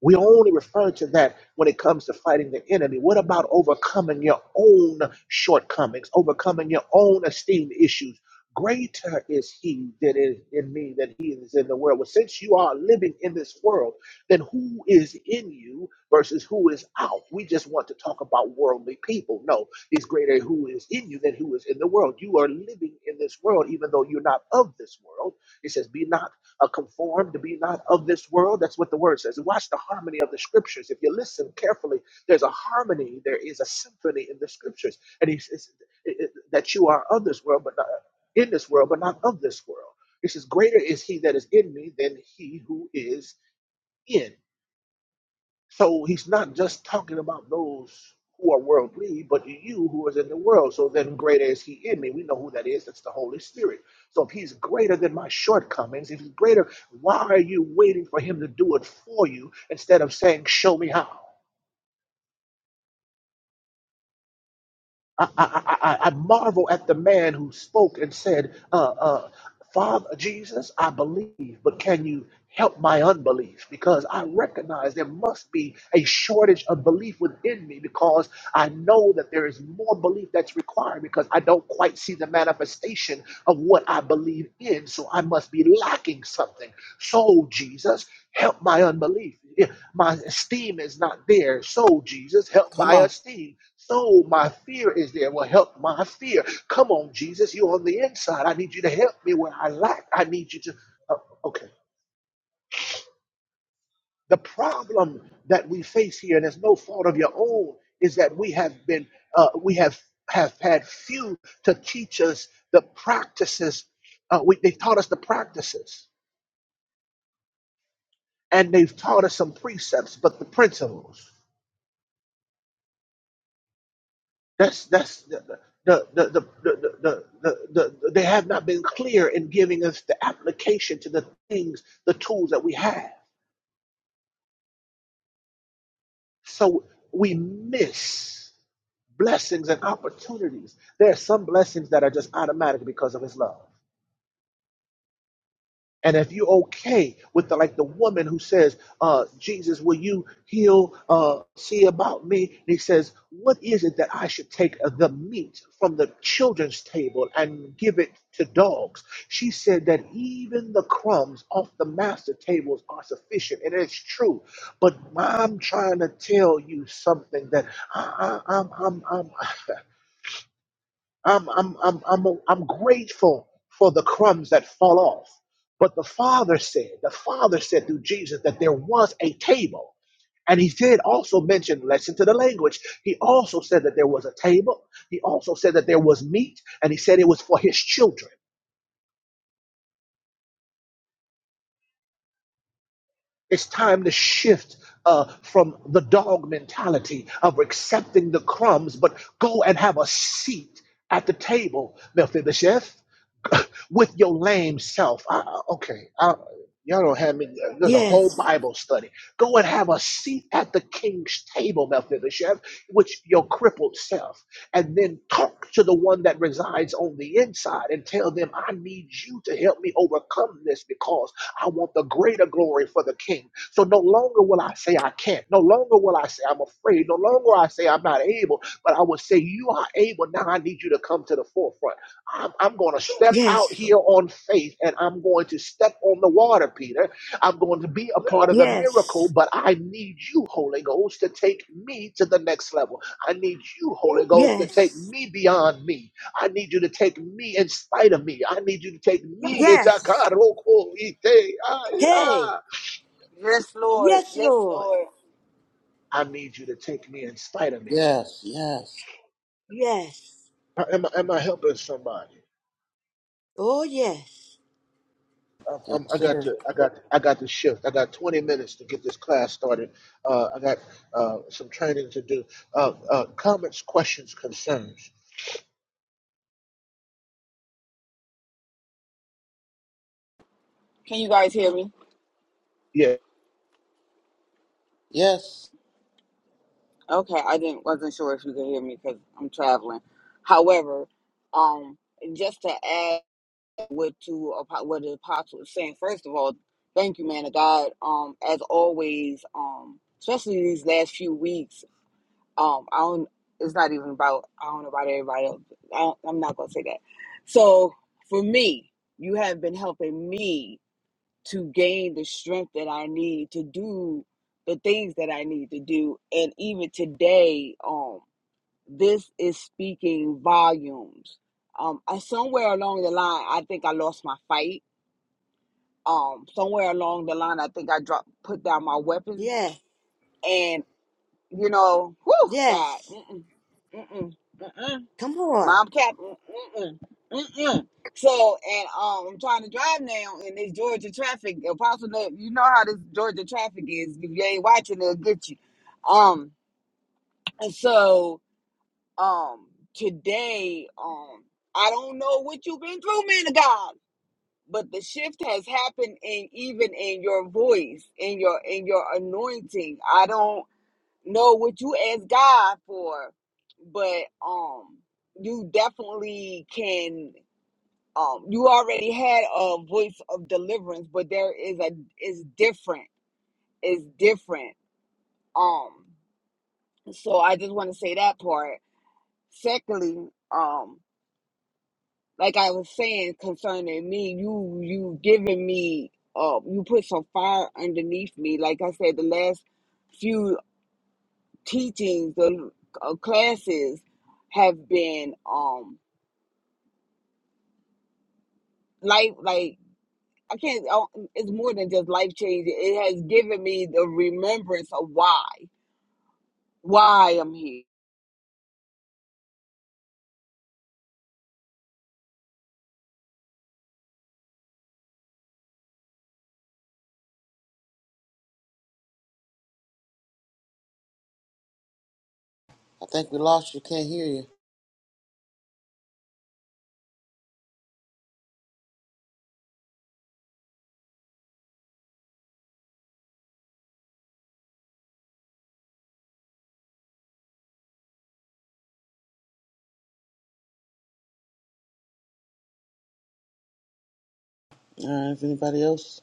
[SPEAKER 4] We only refer to that when it comes to fighting the enemy. What about overcoming your own shortcomings, overcoming your own esteem issues? Greater is he that is in me than he is in the world. Well, since you are living in this world, then who is in you versus who is out? We just want to talk about worldly people. No, it's greater who is in you than who is in the world. You are living in this world, even though you're not of this world. It says, Be not uh, conformed to be not of this world. That's what the word says. Watch the harmony of the scriptures. If you listen carefully, there's a harmony, there is a symphony in the scriptures. And he says it- it- that you are of this world, but not in this world, but not of this world. He says, Greater is he that is in me than he who is in. So he's not just talking about those who are worldly, but you who is in the world. So then greater is he in me. We know who that is. That's the Holy Spirit. So if he's greater than my shortcomings, if he's greater, why are you waiting for him to do it for you instead of saying, Show me how? I, I, I, I marvel at the man who spoke and said, uh, uh, Father Jesus, I believe, but can you help my unbelief? Because I recognize there must be a shortage of belief within me because I know that there is more belief that's required because I don't quite see the manifestation of what I believe in. So I must be lacking something. So, Jesus, help my unbelief. Yeah, my esteem is not there. So, Jesus, help
[SPEAKER 1] Come
[SPEAKER 4] my
[SPEAKER 1] on.
[SPEAKER 4] esteem. So, my fear is there. Well, help my fear. Come on, Jesus, you're on the inside. I need you to help me where I lack. I need you to. Uh, okay. The problem that we face here, and it's no fault of your own, is that we have been, uh, we have have had few to teach us the practices. Uh, we, they've taught us the practices, and they've taught us some precepts, but the principles. That's that's the the the the, the, the, the, the, the they have not been clear in giving us the application to the things, the tools that we have. So we miss blessings and opportunities. There are some blessings that are just automatic because of his love. And if you're okay with the, like the woman who says, uh, Jesus, will you heal, uh, see about me? And he says, what is it that I should take the meat from the children's table and give it to dogs? She said that even the crumbs off the master tables are sufficient. And it's true. But I'm trying to tell you something that I, I, I'm, I'm, I'm, I'm, I'm, I'm, I'm, I'm grateful for the crumbs that fall off. But the Father said, the Father said through Jesus that there was a table. And he did also mention, listen to the language. He also said that there was a table. He also said that there was meat. And he said it was for his children. It's time to shift uh, from the dog mentality of accepting the crumbs, but go and have a seat at the table, Mephibosheth. with your lame self. I, I- okay, I, y'all don't have me. There's a whole
[SPEAKER 3] Yes.
[SPEAKER 4] Bible study. Go and have a seat at the king's table, Mephibosheth, with your crippled self, and then talk to the one that resides on the inside and tell them, I need you to help me overcome this because I want the greater glory for the king. So no longer will I say I can't. No longer will I say I'm afraid. No longer I say I'm not able, but I will say you are able. Now I need you to come to the forefront I'm, I'm going to step out
[SPEAKER 3] Yes, Lord.
[SPEAKER 4] here on faith and I'm going to step on the water, Peter. I'm going to be a part of the miracle,
[SPEAKER 3] Yes.
[SPEAKER 4] but I need you, Holy Ghost, to take me to the next level. I need you, Holy Ghost, to take
[SPEAKER 3] Yes.
[SPEAKER 4] me beyond me. I need you to take me in spite of me. I need you to take me.
[SPEAKER 3] Yes. Hey,
[SPEAKER 2] Yes, Lord.
[SPEAKER 3] yes,
[SPEAKER 2] Yes,
[SPEAKER 3] Lord.
[SPEAKER 2] Lord.
[SPEAKER 4] I need you to take me in spite of me.
[SPEAKER 1] Yes, yes.
[SPEAKER 3] Yes.
[SPEAKER 4] Am I, am I helping somebody?
[SPEAKER 3] Oh, yes.
[SPEAKER 4] i
[SPEAKER 1] Yes,
[SPEAKER 4] I'm- I got
[SPEAKER 1] sir.
[SPEAKER 4] to, I got, I got to shift. I got 20 minutes to get this class started. Uh, I got uh, some training to do. Uh, uh, comments, questions, concerns.
[SPEAKER 2] Can you guys hear me?
[SPEAKER 4] Yeah,
[SPEAKER 1] Yes.
[SPEAKER 2] Okay, I didn't wasn't sure if you could hear me because I'm traveling. However, um, just to add what to apo- what the apostle was saying, first of all, thank you, man of God. Um, as always, um, especially these last few weeks, um, I don't. It's not even about I don't know about everybody else. I don't, I'm not gonna say that. So for me, you have been helping me to gain the strength that I need to do the things that I need to do. And even today, um, this is speaking volumes. Um, I, somewhere along the line, I think I lost my fight. Um, somewhere along the line, I think I dropped, put down my weapons,
[SPEAKER 3] Yes.
[SPEAKER 2] and you know, whew, God,
[SPEAKER 3] Yes.
[SPEAKER 2] mm-mm, mm-mm, mm-mm,
[SPEAKER 3] Come on.
[SPEAKER 2] mom, cap, mm-mm, mm-mm. So, and um, I'm trying to drive now and this Georgia traffic. Apostle, Nate, you know how this Georgia traffic is. If you ain't watching, they'll get you. Um, and so. um today um i don't know what you've been through man of god but the shift has happened in even in your voice in your in your anointing i don't know what you asked god for but um you definitely can um you already had a voice of deliverance but there is a is different is different um so i just want to say that part secondly um like I was saying concerning me, you you giving me uh you put some fire underneath me. Like I said, the last few teachings, the uh, classes have been um life like I can't. oh, It's more than just life changing. It has given me the remembrance of why why I'm here.
[SPEAKER 1] I think we lost you. Can't hear you. All right. If anybody else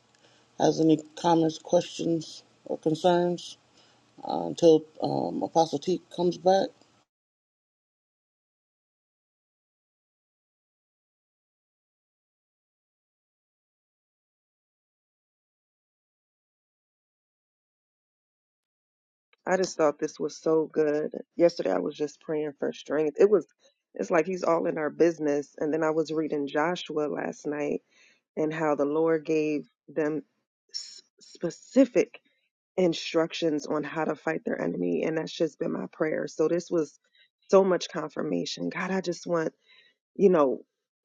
[SPEAKER 1] has any comments, questions, or concerns uh, until um, Apostle T comes back.
[SPEAKER 5] I just thought this was so good. Yesterday I was just praying for strength. It was it's like he's all in our business. And then I was reading Joshua last night and how the Lord gave them s- specific instructions on how to fight their enemy and that's just been my prayer. So this was so much confirmation. God, I just want you know,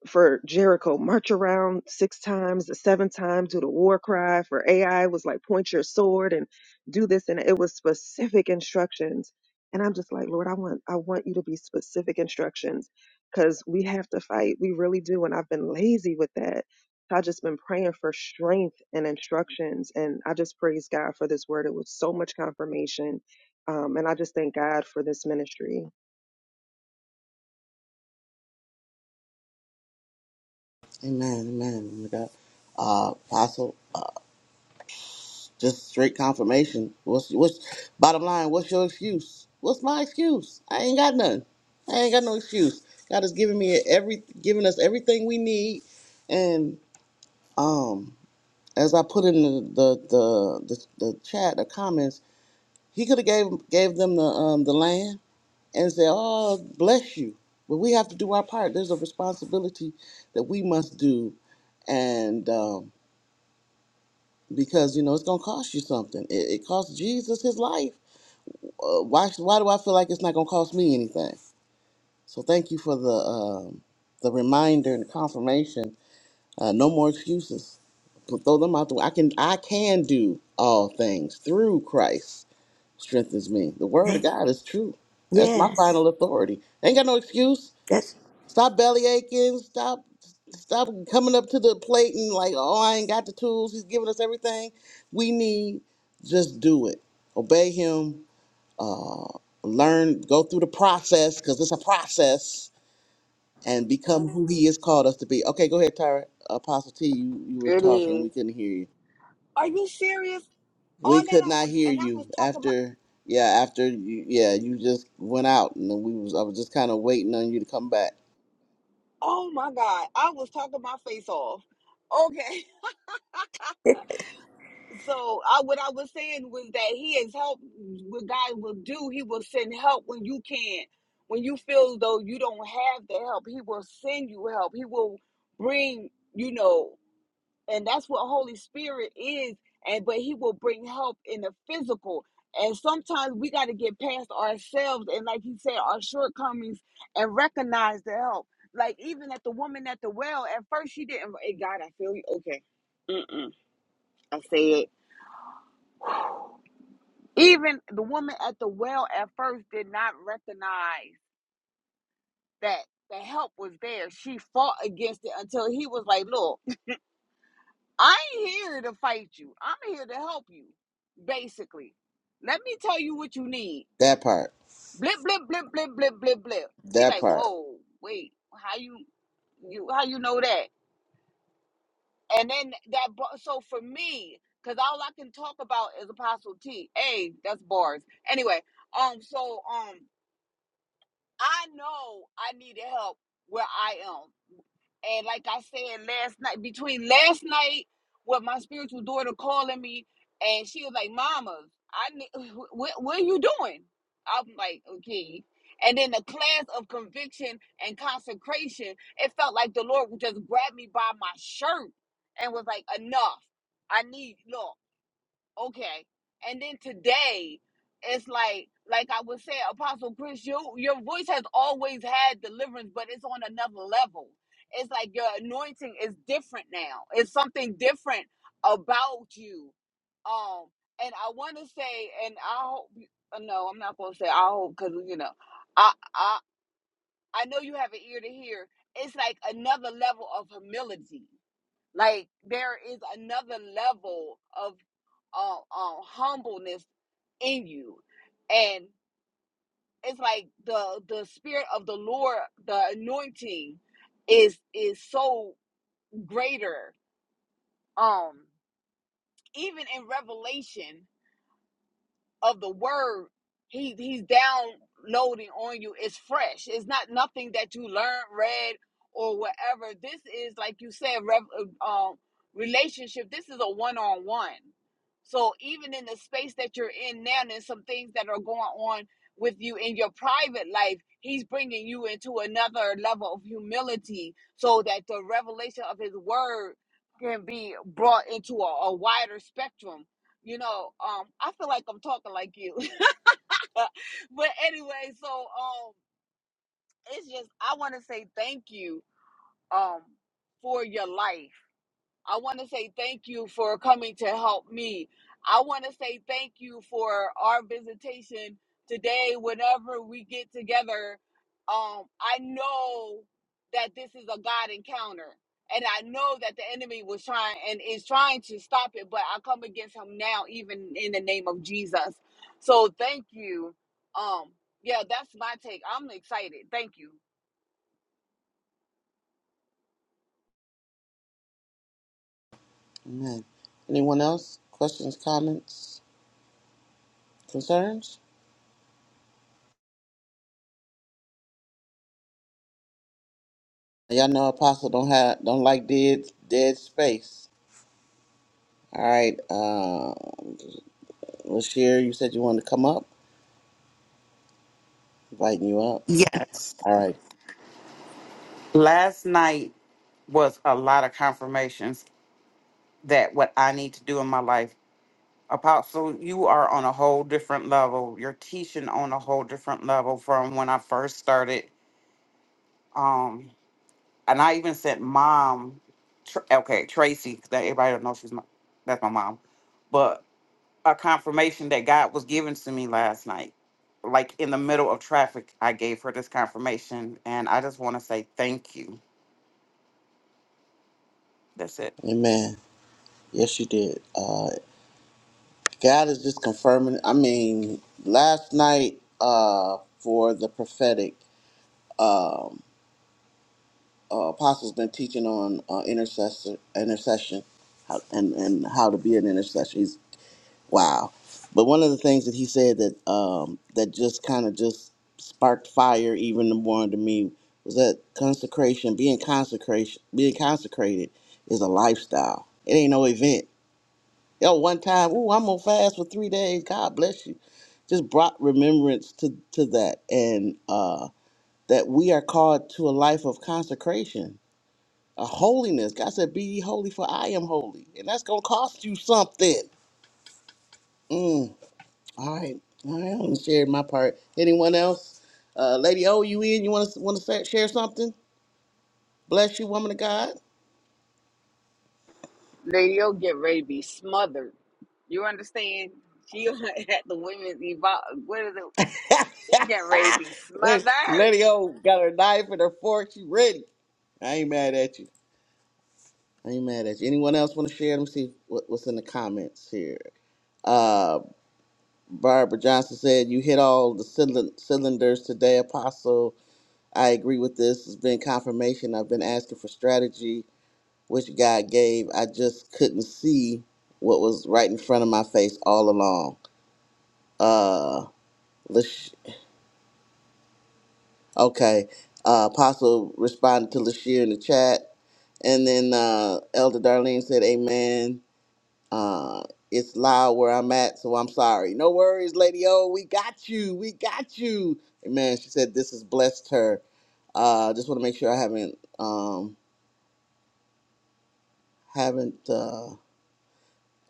[SPEAKER 5] for Jericho, march around six times, seven times, do the war cry. For AI, it was like point your sword and do this, and it was specific instructions. And I'm just like, Lord, I want, I want you to be specific instructions, because we have to fight, we really do. And I've been lazy with that. So I've just been praying for strength and instructions, and I just praise God for this word. It was so much confirmation, um, and I just thank God for this ministry.
[SPEAKER 1] Amen. Amen. We got uh, Apostle. Just straight confirmation. What's what's bottom line? What's your excuse? What's my excuse? I ain't got none. I ain't got no excuse. God is giving me every giving us everything we need, and um, as I put in the the the, the, the chat the comments, he could have gave gave them the um the land and said, "Oh, bless you," but we have to do our part. There's a responsibility that we must do, and um, because you know it's gonna cost you something. It, it cost Jesus his life uh, why sh- why do I feel like it's not going to cost me anything? So thank you for the um, the reminder and confirmation. Uh, no more excuses. Put, throw them out the way. I can I can do all things through Christ strengthens me. The word of
[SPEAKER 3] Hey.
[SPEAKER 1] God is true. That's my
[SPEAKER 3] Yes.
[SPEAKER 1] final authority. Ain't got no excuse.
[SPEAKER 3] That's
[SPEAKER 1] Stop belly aching. Stop stop coming up to the plate and like oh I ain't got the tools. He's giving us everything we need. Just do it. Obey Him learn, go through the process because it's a process and become who He has called us to be. Okay, go ahead, Tyra. Apostle T, you, you were
[SPEAKER 2] It
[SPEAKER 1] talking.
[SPEAKER 2] is.
[SPEAKER 1] We couldn't hear you.
[SPEAKER 2] Are you serious?
[SPEAKER 1] We
[SPEAKER 2] All that
[SPEAKER 1] could not
[SPEAKER 2] I
[SPEAKER 1] hear
[SPEAKER 2] and I
[SPEAKER 1] you
[SPEAKER 2] was talking my
[SPEAKER 1] after. Yeah, after you, yeah, you just went out, and we was I was just kind of waiting on you to come back.
[SPEAKER 2] oh my god, I was talking my face off. Okay. (laughs)
[SPEAKER 3] it.
[SPEAKER 2] So I, what I was saying was that He is help. What God will do, He will send help when you can't, when you feel as though you don't have the help. He will send you help. He will bring, you know, and that's what Holy Spirit is. And but He will bring help in the physical. And sometimes we got to get past ourselves and, like He said, our shortcomings and recognize the help. Like even at the woman at the well, at first she didn't. Hey, God, I feel you. Okay, Mm-mm. I say it. Even the woman at the well at first did not recognize that the help was there. She fought against it until he was like, Look, I ain't here to fight you. I'm here to help you, basically. Let me tell you what you need.
[SPEAKER 1] That part,
[SPEAKER 2] Blip, blip, blip, blip, blip, blip, blip. She
[SPEAKER 1] that
[SPEAKER 2] like,
[SPEAKER 1] part.
[SPEAKER 2] Whoa, wait, how you you how you know that? And then that bu- so for me, because all I can talk about is Apostle T. Hey, that's bars. Anyway, um, so um I know I needed help where I am. And like I said last night, between last night with my spiritual daughter calling me, and she was like, "Mama, I need, (laughs) what, what are you doing?" I'm like, "Okay." And then the class of conviction and consecration, it felt like the Lord would just grab me by my shirt and was like, "Enough! I need look okay and then today it's like like i would say apostle chris your your voice has always had deliverance but it's on another level it's like your anointing is different now it's something different about you um and i want to say and i hope uh, no i'm not going to say i hope because you know i i i know you have an ear to hear it's like another level of humility like there is another level of um, um humbleness in you and it's like the the spirit of the lord the anointing is is so greater um even in revelation of the word he he's downloading on you it's fresh it's not nothing that you learned read or whatever this is like you said rev, uh, um relationship this is a one-on-one so even in the space that you're in now there's some things that are going on with you in your private life he's bringing you into another level of humility so that the revelation of his word can be brought into a, a wider spectrum you know um i feel like i'm talking like you (laughs) but anyway so um it's just i want to say thank you um for your life I want to say thank you for coming to help me. I want to say thank you for our visitation today. Whenever we get together, um, I know that this is a God encounter. And I know that the enemy was trying and is trying to stop it, but I come against him now, even in the name of Jesus. So thank you. Um, yeah, that's my take. I'm excited. Thank you.
[SPEAKER 1] Amen. Anyone else? Questions, comments, concerns? Y'all know Apostle don't have don't like dead dead space. All right, uh, Lashir, you said you wanted to come up. Lighten you up.
[SPEAKER 6] Yes.
[SPEAKER 1] All right.
[SPEAKER 6] Last night was a lot of confirmations that what I need to do in my life. Apostle, you are on a whole different level. You're teaching on a whole different level from when I first started. Um, and I even sent mom, tr- okay, Tracy, 'cause that everybody don't know she's my, that's my mom, but a confirmation that God was given to me last night. Like in the middle of traffic, I gave her this confirmation, and I just want to say thank you. That's it.
[SPEAKER 1] Amen. Yes, you did. Uh, God is just confirming. I mean, last night uh, for the prophetic, um, uh, Apostle's been teaching on uh, intercessor, intercession how, and, and how to be an intercessor. He's, wow. But one of the things that he said that um, that just kind of just sparked fire even more into me was that consecration, being consecration, being consecrated is a lifestyle. It ain't no event. Yo, one time, ooh, I'm gonna fast for three days. God bless you. Just brought remembrance to, to that and uh, that we are called to a life of consecration, a holiness. God said, Be ye holy, for I am holy. And that's going to cost you something. All right. All right. I'm sharing my part. Anyone else? Uh, Lady O, you in? You want to want to share something? Bless you, woman of God.
[SPEAKER 2] Lady, you'll get ready to be smothered. You understand? She (laughs) at the women's evolve. What is it?
[SPEAKER 1] (laughs)
[SPEAKER 2] She getting ready to be
[SPEAKER 1] Lady
[SPEAKER 2] smothered.
[SPEAKER 1] O got her knife and her fork. She ready. I ain't mad at you. I ain't mad at you. Anyone else want to share? Let me see what, what's in the comments here. Uh, Barbara Johnson said, You hit all the cylind- cylinders today, Apostle. I agree with this. It's been confirmation. I've been asking for strategy, which God gave. I just couldn't see what was right in front of my face all along. Uh, Lash- okay. Uh, Apostle responded to Lashir in the chat. And then uh, Elder Darlene said, Amen. Uh, it's loud where I'm at, so I'm sorry. No worries, Lady O. We got you. We got you. Amen. She said this has blessed her. Uh, just want to make sure I haven't um, haven't. Uh,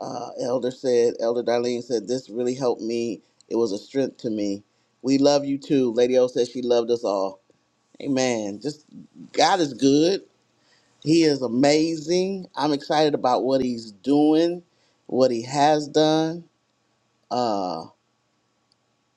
[SPEAKER 1] uh, Elder said. Elder Darlene said this really helped me. It was a strength to me. We love you too. Lady O said she loved us all. Amen. Just God is good. He is amazing. I'm excited about what He's doing, what He has done. Uh,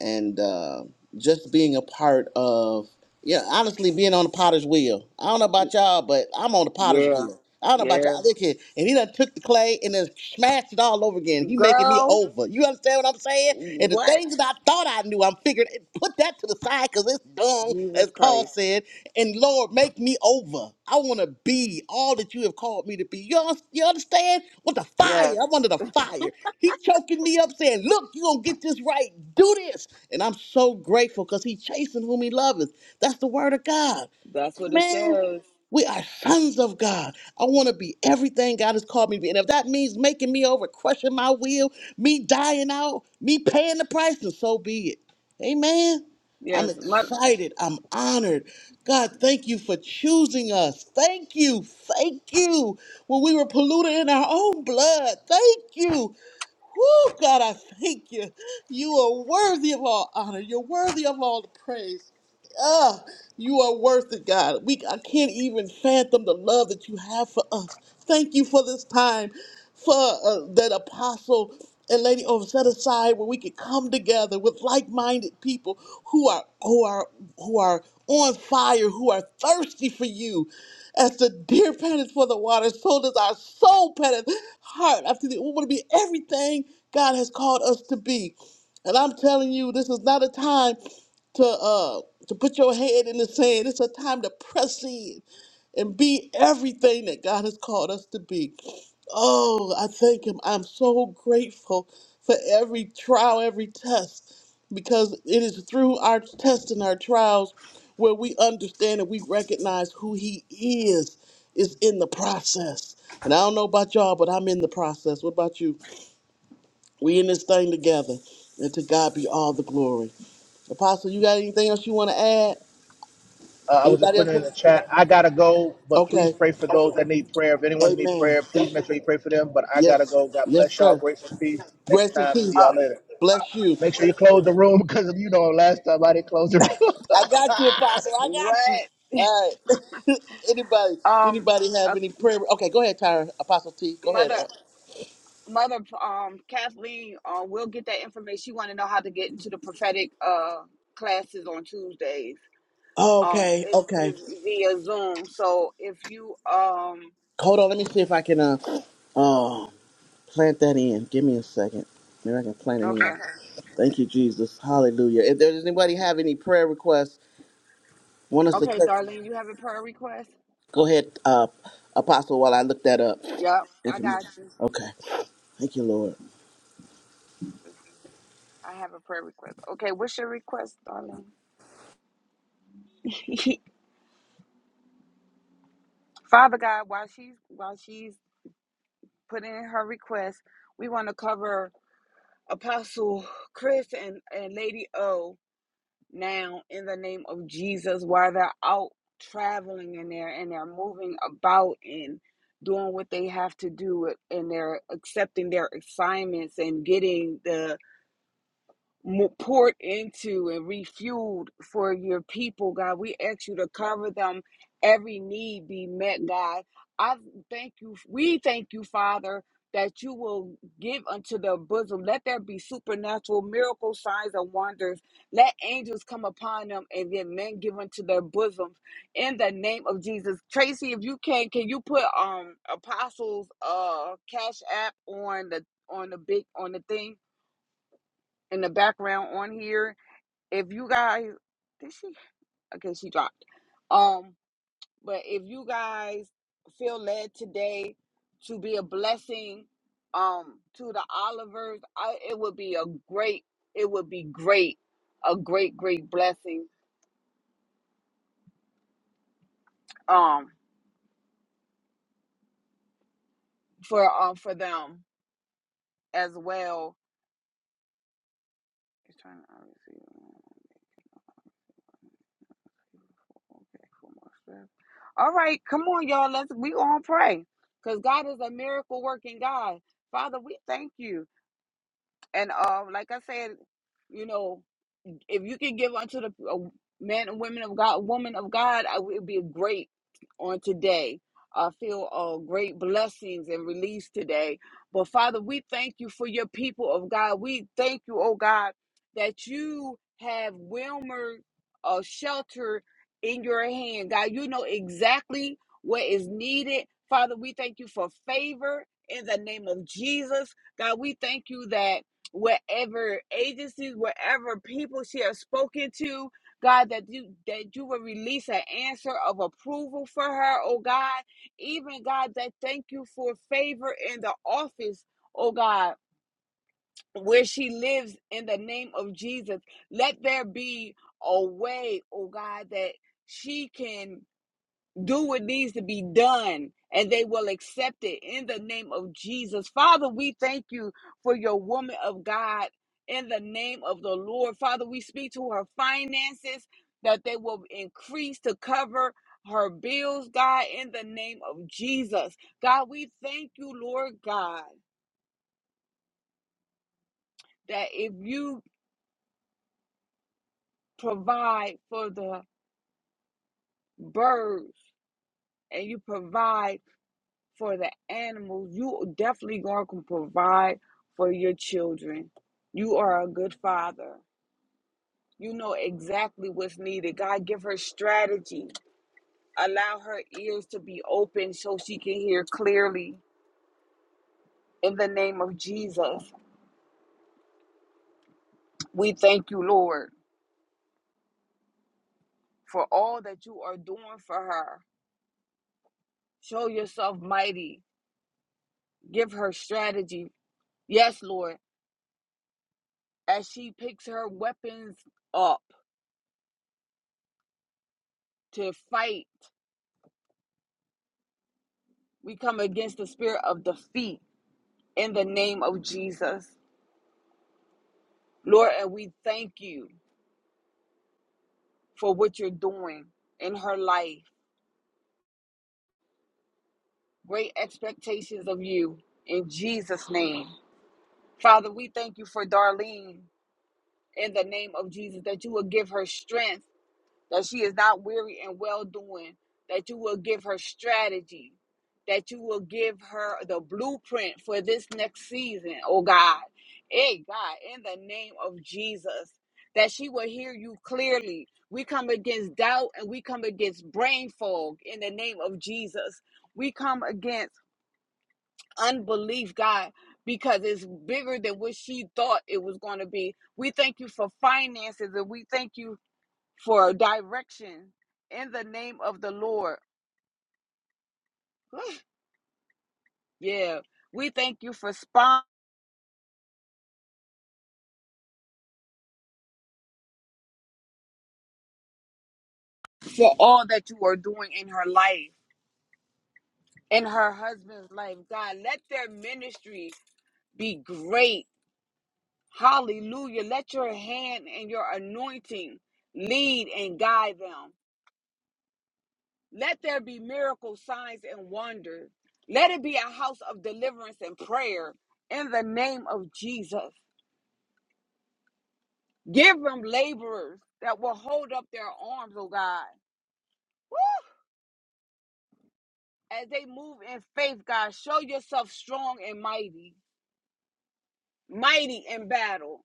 [SPEAKER 1] and uh, just being a part of yeah, honestly, being on the potter's wheel. I don't know about y'all, but I'm on the potter's
[SPEAKER 2] Yeah,
[SPEAKER 1] wheel. I don't know about
[SPEAKER 2] yeah,
[SPEAKER 1] y'all. Look here, and he done took the clay and then smashed it all over again. He making me
[SPEAKER 2] girl.
[SPEAKER 1] over. You understand what I'm saying? And the
[SPEAKER 2] What?
[SPEAKER 1] things that I thought I knew, I'm figuring. Put that to the side because it's dung, as
[SPEAKER 2] Jesus
[SPEAKER 1] Paul
[SPEAKER 2] Christ.
[SPEAKER 1] said. And Lord, make me over. I want to be all that you have called me to be it be. You, un- you understand? With the fire.
[SPEAKER 2] Yes,
[SPEAKER 1] I'm under the fire. He choking me up saying, look, you going to get this right. Do this. And I'm so grateful because he chasing whom he loveth. That's the word of God.
[SPEAKER 2] that's what it
[SPEAKER 1] Amen.
[SPEAKER 2] says.
[SPEAKER 1] We are sons of God. I want to be everything God has called me to be. And if that means making me over, crushing my will, me dying out, me paying the price, then so be it. Amen. I'm
[SPEAKER 2] Yes, mother.
[SPEAKER 1] excited. I'm honored. God, thank you for choosing us. Thank you. Thank you. When we were polluted in our own blood, thank you. Woo, God, I thank you. You are worthy of all honor. You're worthy of all the praise. Ah, you are worth it, God. We I can't even fathom the love that you have for us. Thank you for this time, for uh, that apostle and lady on set aside where we could come together with like-minded people who are who are who are on fire, who are thirsty for you. As the deer panteth for the water, so does our soul panteth heart after the. We want to be everything God has called us to be. And I'm telling you, this is not a time to uh to put your head in the sand. It's a time to press in and be everything that God has called us to be. Oh, I thank Him. I'm so grateful for every trial, every test, because it is through our tests and our trials where we understand and we recognize who He is. Is in the process, and I don't know about y'all, but I'm in the process. What about you? We in this thing together. And to God be all the glory. Apostle, you got anything else you want to add?
[SPEAKER 4] uh, I was just
[SPEAKER 1] Anybody else
[SPEAKER 4] putting it in
[SPEAKER 1] want
[SPEAKER 4] the
[SPEAKER 1] to
[SPEAKER 4] chat. I gotta go, but please
[SPEAKER 1] Okay.
[SPEAKER 4] pray for those that need prayer. If anyone needs
[SPEAKER 1] Amen.
[SPEAKER 4] prayer, please make sure you pray for them. But I gotta
[SPEAKER 1] Yes.
[SPEAKER 4] go. God
[SPEAKER 1] Yes,
[SPEAKER 4] bless y'all.
[SPEAKER 1] sir.
[SPEAKER 4] Grace and peace. Next
[SPEAKER 1] Grace and
[SPEAKER 4] time, see
[SPEAKER 1] peace.
[SPEAKER 2] Uh,
[SPEAKER 4] y'all later.
[SPEAKER 1] Bless you.
[SPEAKER 4] Make sure you close the room because you know last time I didn't close the room.
[SPEAKER 1] I got you, Apostle. I
[SPEAKER 2] what?
[SPEAKER 1] got you. All right. (laughs) anybody,
[SPEAKER 2] Um,
[SPEAKER 1] anybody have
[SPEAKER 2] uh,
[SPEAKER 1] any
[SPEAKER 2] m-
[SPEAKER 1] prayer? Okay, go ahead, Tyra. Apostle T. Go ahead.
[SPEAKER 2] mother. Mother, um, Kathleen, uh, we'll get that information. She want to know how to get into the prophetic uh classes on Tuesdays. Um,
[SPEAKER 1] Okay,
[SPEAKER 2] it is
[SPEAKER 1] okay.
[SPEAKER 2] via Zoom. So if you um
[SPEAKER 1] Hold on, let me see if I can uh, Oh. Plant that in. Give me a second. Maybe I can plant it in.
[SPEAKER 2] Okay.
[SPEAKER 1] Okay. Thank you, Jesus. Hallelujah. If there's anybody have any prayer requests, want us to
[SPEAKER 2] Okay,
[SPEAKER 1] touch,
[SPEAKER 2] Darlene, you have a prayer request?
[SPEAKER 1] go ahead, uh, Apostle, while I look that up.
[SPEAKER 2] Yep, I got
[SPEAKER 1] Information.
[SPEAKER 2] you.
[SPEAKER 1] Okay. Thank you, Lord.
[SPEAKER 2] I have a prayer request. Okay, what's your request, Darlene? (laughs) Father God, while she's while she's putting in her request, we want to cover Apostle Chris and, and Lady O now in the name of Jesus while they're out traveling in there and they're moving about and doing what they have to do and they're accepting their assignments and getting the mo- poured into and refueled for your people, God. We ask you to cover them. Every need be met, God. I thank you. We thank you, Father, that you will give unto their bosom. Let there be supernatural miracle signs and wonders. Let angels come upon them and then men give unto their bosoms. In the name of Jesus. Tracy, if you can, can you put um apostles uh cash app on the on the big on the thing in the background on here? if you guys did she okay she dropped um but if you guys feel led today to be a blessing um to the olivers I, it would be a great it would be great a great great blessing um for um for them as well It's trying to obviously- Okay, four more strips. All right, come on, y'all. Let's we on pray because God is a miracle working God. Father, we thank you. And um, like I said, you know, if you can give unto the uh, men and women of God, woman of God, I will be great on today. I feel uh, great blessings and release today. But Father, we thank you for your people of God. We thank you, oh God, that you have Wilmer uh, shelter in your hand. God, you know exactly what is needed. Father, we thank you for favor in the name of Jesus. God, we thank you that whatever agencies, whatever people she has spoken to, God, that you that you will release an answer of approval for her, oh God. Even God, that thank you for favor in the office, oh God, where she lives in the name of Jesus. Let there be a way, oh God, that she can do what needs to be done and they will accept it in the name of Jesus. Father, we thank you for your woman of God in the name of the Lord. Father, we speak to her finances that they will increase to cover her bills, God, in the name of Jesus. God, we thank you, Lord God, that if you provide for the birds and you provide for the animals. You definitely going to provide for your children. You are a good father. You know exactly what's needed. God, give her strategy. Allow her ears to be open so she can hear clearly. In the name of Jesus, we thank you, Lord, for all that you are doing for her. Show yourself mighty. Give her strategy. Yes, Lord, as she picks her weapons up to fight We come against the spirit of defeat in the name of Jesus. Lord, and we thank you for what you're doing in her life. Great expectations of you in Jesus' name. Father, we thank you for Darlene in the name of Jesus that you will give her strength that she is not weary and well doing, that you will give her strategy, that you will give her the blueprint for this next season, oh God. Hey, God, in the name of Jesus, that she will hear you clearly. We come against doubt and we come against brain fog in the name of Jesus. We come against unbelief, God, because it's bigger than what she thought it was going to be. We thank you for finances and we thank you for direction in the name of the Lord. (sighs) yeah, we thank you for spon- for all that you are doing in her life, in her husband's life. God, let their ministry be great. Hallelujah. Let your hand and your anointing lead and guide them. Let there be miracle signs and wonders. Let it be a house of deliverance and prayer in the name of Jesus. Give them laborers that will hold up their arms, oh God. Woo! As they move in faith, God, show yourself strong and mighty, mighty in battle.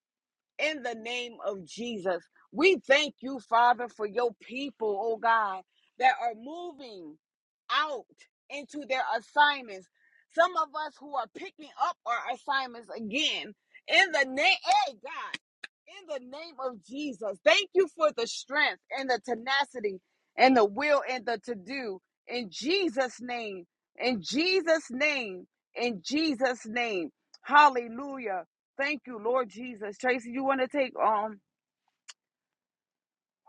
[SPEAKER 2] in the name of Jesus. We thank you, Father, for your people, oh God, that are moving out into their assignments. Some of us who are picking up our assignments again in the name, hey God, in the name of Jesus. Thank you for the strength and the tenacity and the will and the to do in Jesus' name, in Jesus' name, in Jesus' name. Hallelujah. Thank you, Lord Jesus. Tracy, you want to take um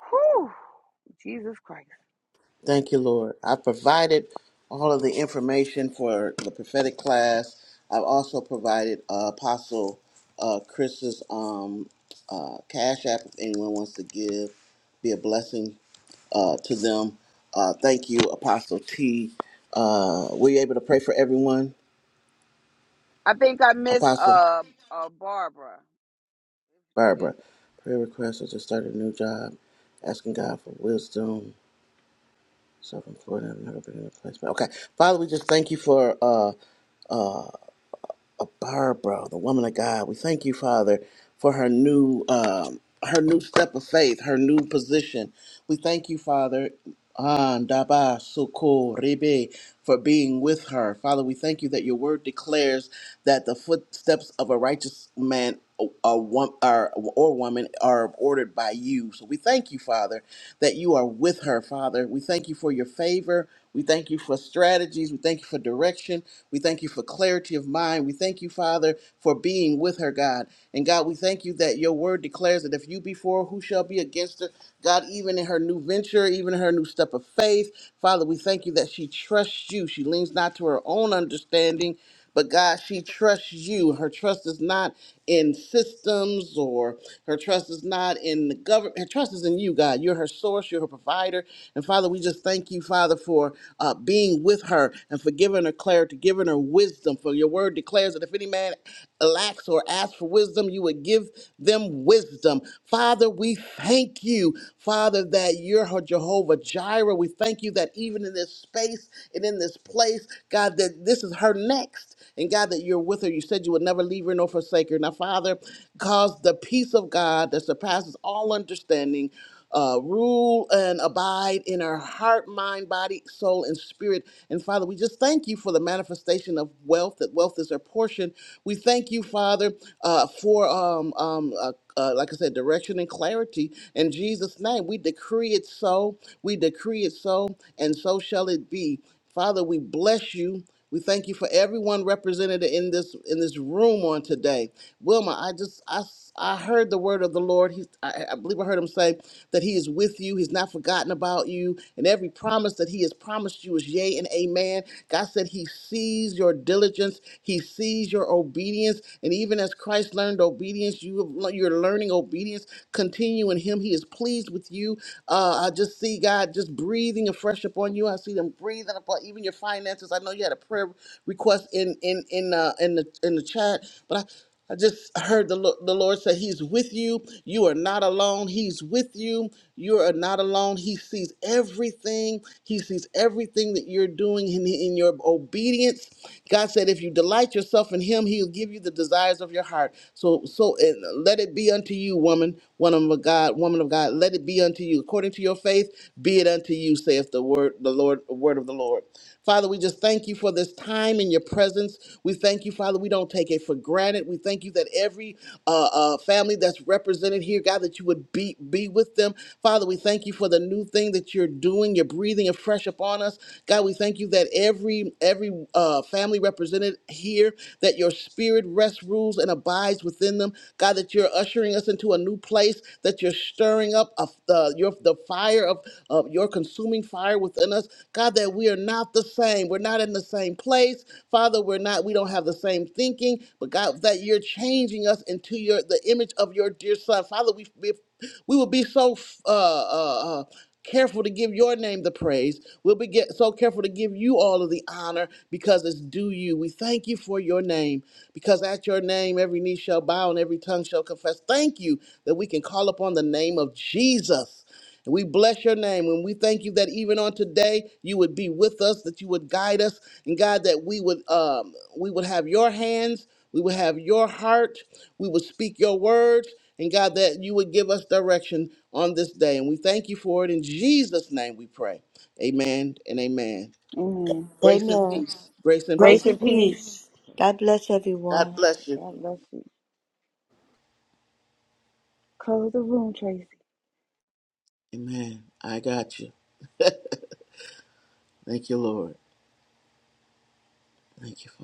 [SPEAKER 2] whew, Jesus Christ.
[SPEAKER 1] Thank you, Lord. I provided all of the information for the prophetic class. I've also provided uh, Apostle uh, Chris's um, uh, Cash App if anyone wants to give, be a blessing uh, to them. Uh, thank you, Apostle T. Uh, were you able to pray for everyone,
[SPEAKER 2] I think I missed
[SPEAKER 1] Apostle
[SPEAKER 2] uh uh Barbara. Yeah.
[SPEAKER 1] Barbara? Prayer request is to start a new job, asking God for wisdom, self-employed, I've never been in a place. Okay, Father, we just thank you for. Uh, uh, Barbara, the woman of God. We thank you, Father, for her new um, her new step of faith, her new position. We thank you, Father, ah, Daba Suko Rebe, for being with her. Father, we thank you that your word declares that the footsteps of a righteous man or, wo- or, or woman are ordered by you. So we thank you, Father, that you are with her, Father. We thank you for your favor. We thank you for strategies. We thank you for direction. We thank you for clarity of mind. We thank you, Father, for being with her, God. And God, we thank you that your word declares that if you be for, her, who shall be against her? God, even in her new venture, even in her new step of faith, Father, we thank you that she trusts you. She leans not to her own understanding, but God, she trusts you. Her trust is not in systems or her trust is not in the government. Her trust is in you, God. You're her source, you're her provider. And Father, we just thank you, Father, for uh, being with her and for giving her clarity, giving her wisdom. For your word declares that if any man lacks or asks for wisdom, you would give them wisdom. Father, we thank you, Father, that you're her Jehovah Jireh. We thank you that even in this space, and in in this place, God, that this is her next. And God, that you're with her. You said you would never leave her nor forsake her. Now, Father, cause the peace of God that surpasses all understanding uh, rule and abide in her heart, mind, body, soul, and spirit. And Father, we just thank you for the manifestation of wealth, that wealth is her portion. We thank you, Father, uh, for, um, um, uh, uh, like I said, direction and clarity. In Jesus' name, we decree it so. We decree it so, and so shall it be. Father, we bless you. We thank you for everyone represented in this in this room on today. Wilma, I just I I heard the word of the Lord. He, I, I believe I heard him say that he is with you. He's not forgotten about you, and every promise that he has promised you is yea and amen. God said he sees your diligence, he sees your obedience, and even as Christ learned obedience, you have, you're learning obedience. Continue in him. He is pleased with you. Uh, I just see see God just breathing afresh upon you. I see them breathing upon even your finances. I know you had a prayer request in in in uh, in the in the chat, but I. I just heard the, Lo- the Lord say, He's with you. You are not alone. He's with you. You are not alone. He sees everything. He sees everything that you're doing in, in your obedience. God said, if you delight yourself in Him, He'll give you the desires of your heart. So, so uh, let it be unto you, woman, woman of God, woman of God, let it be unto you according to your faith. Be it unto you, saith the word, the Lord, the word of the Lord. Father, we just thank you for this time in your presence. We thank you, Father. We don't take it for granted. We thank you that every uh, uh, family that's represented here, God, that you would be be with them. Father, we thank you for the new thing that you're doing. You're breathing afresh upon us, God. We thank you that every every uh, family represented here, that your Spirit rests, rules, and abides rise within them. God, that you're ushering us into a new place, that you're stirring up of the, your, the fire of, of your consuming fire within us. God, that we are not the same. We're not in the same place. Father, we're not, we don't have the same thinking, but God, that you're changing us into your the image of your dear son. Father, we we we will be so uh, uh, uh, careful to give your name the praise. We'll be get so careful to give you all of the honor because it's due you. We thank you for your name because at your name every knee shall bow and every tongue shall confess. Thank you that we can call upon the name of Jesus. And we bless your name and we thank you that even on today you would be with us, that you would guide us, and God, that we would um, we would have your hands, we would have your heart, we would speak your words, and God, that you would give us direction on this day. And we thank you for it in Jesus' name. We pray, Amen and Amen.
[SPEAKER 2] Amen.
[SPEAKER 1] Grace and
[SPEAKER 3] Amen.
[SPEAKER 1] peace, grace and peace.
[SPEAKER 3] Grace
[SPEAKER 2] Grace and
[SPEAKER 3] and
[SPEAKER 2] peace.
[SPEAKER 3] peace. God bless
[SPEAKER 1] God
[SPEAKER 3] everyone.
[SPEAKER 1] bless you.
[SPEAKER 2] God bless you. Close the room, Tracy.
[SPEAKER 1] Amen. I got you. Thank you, Lord. Thank you, Father.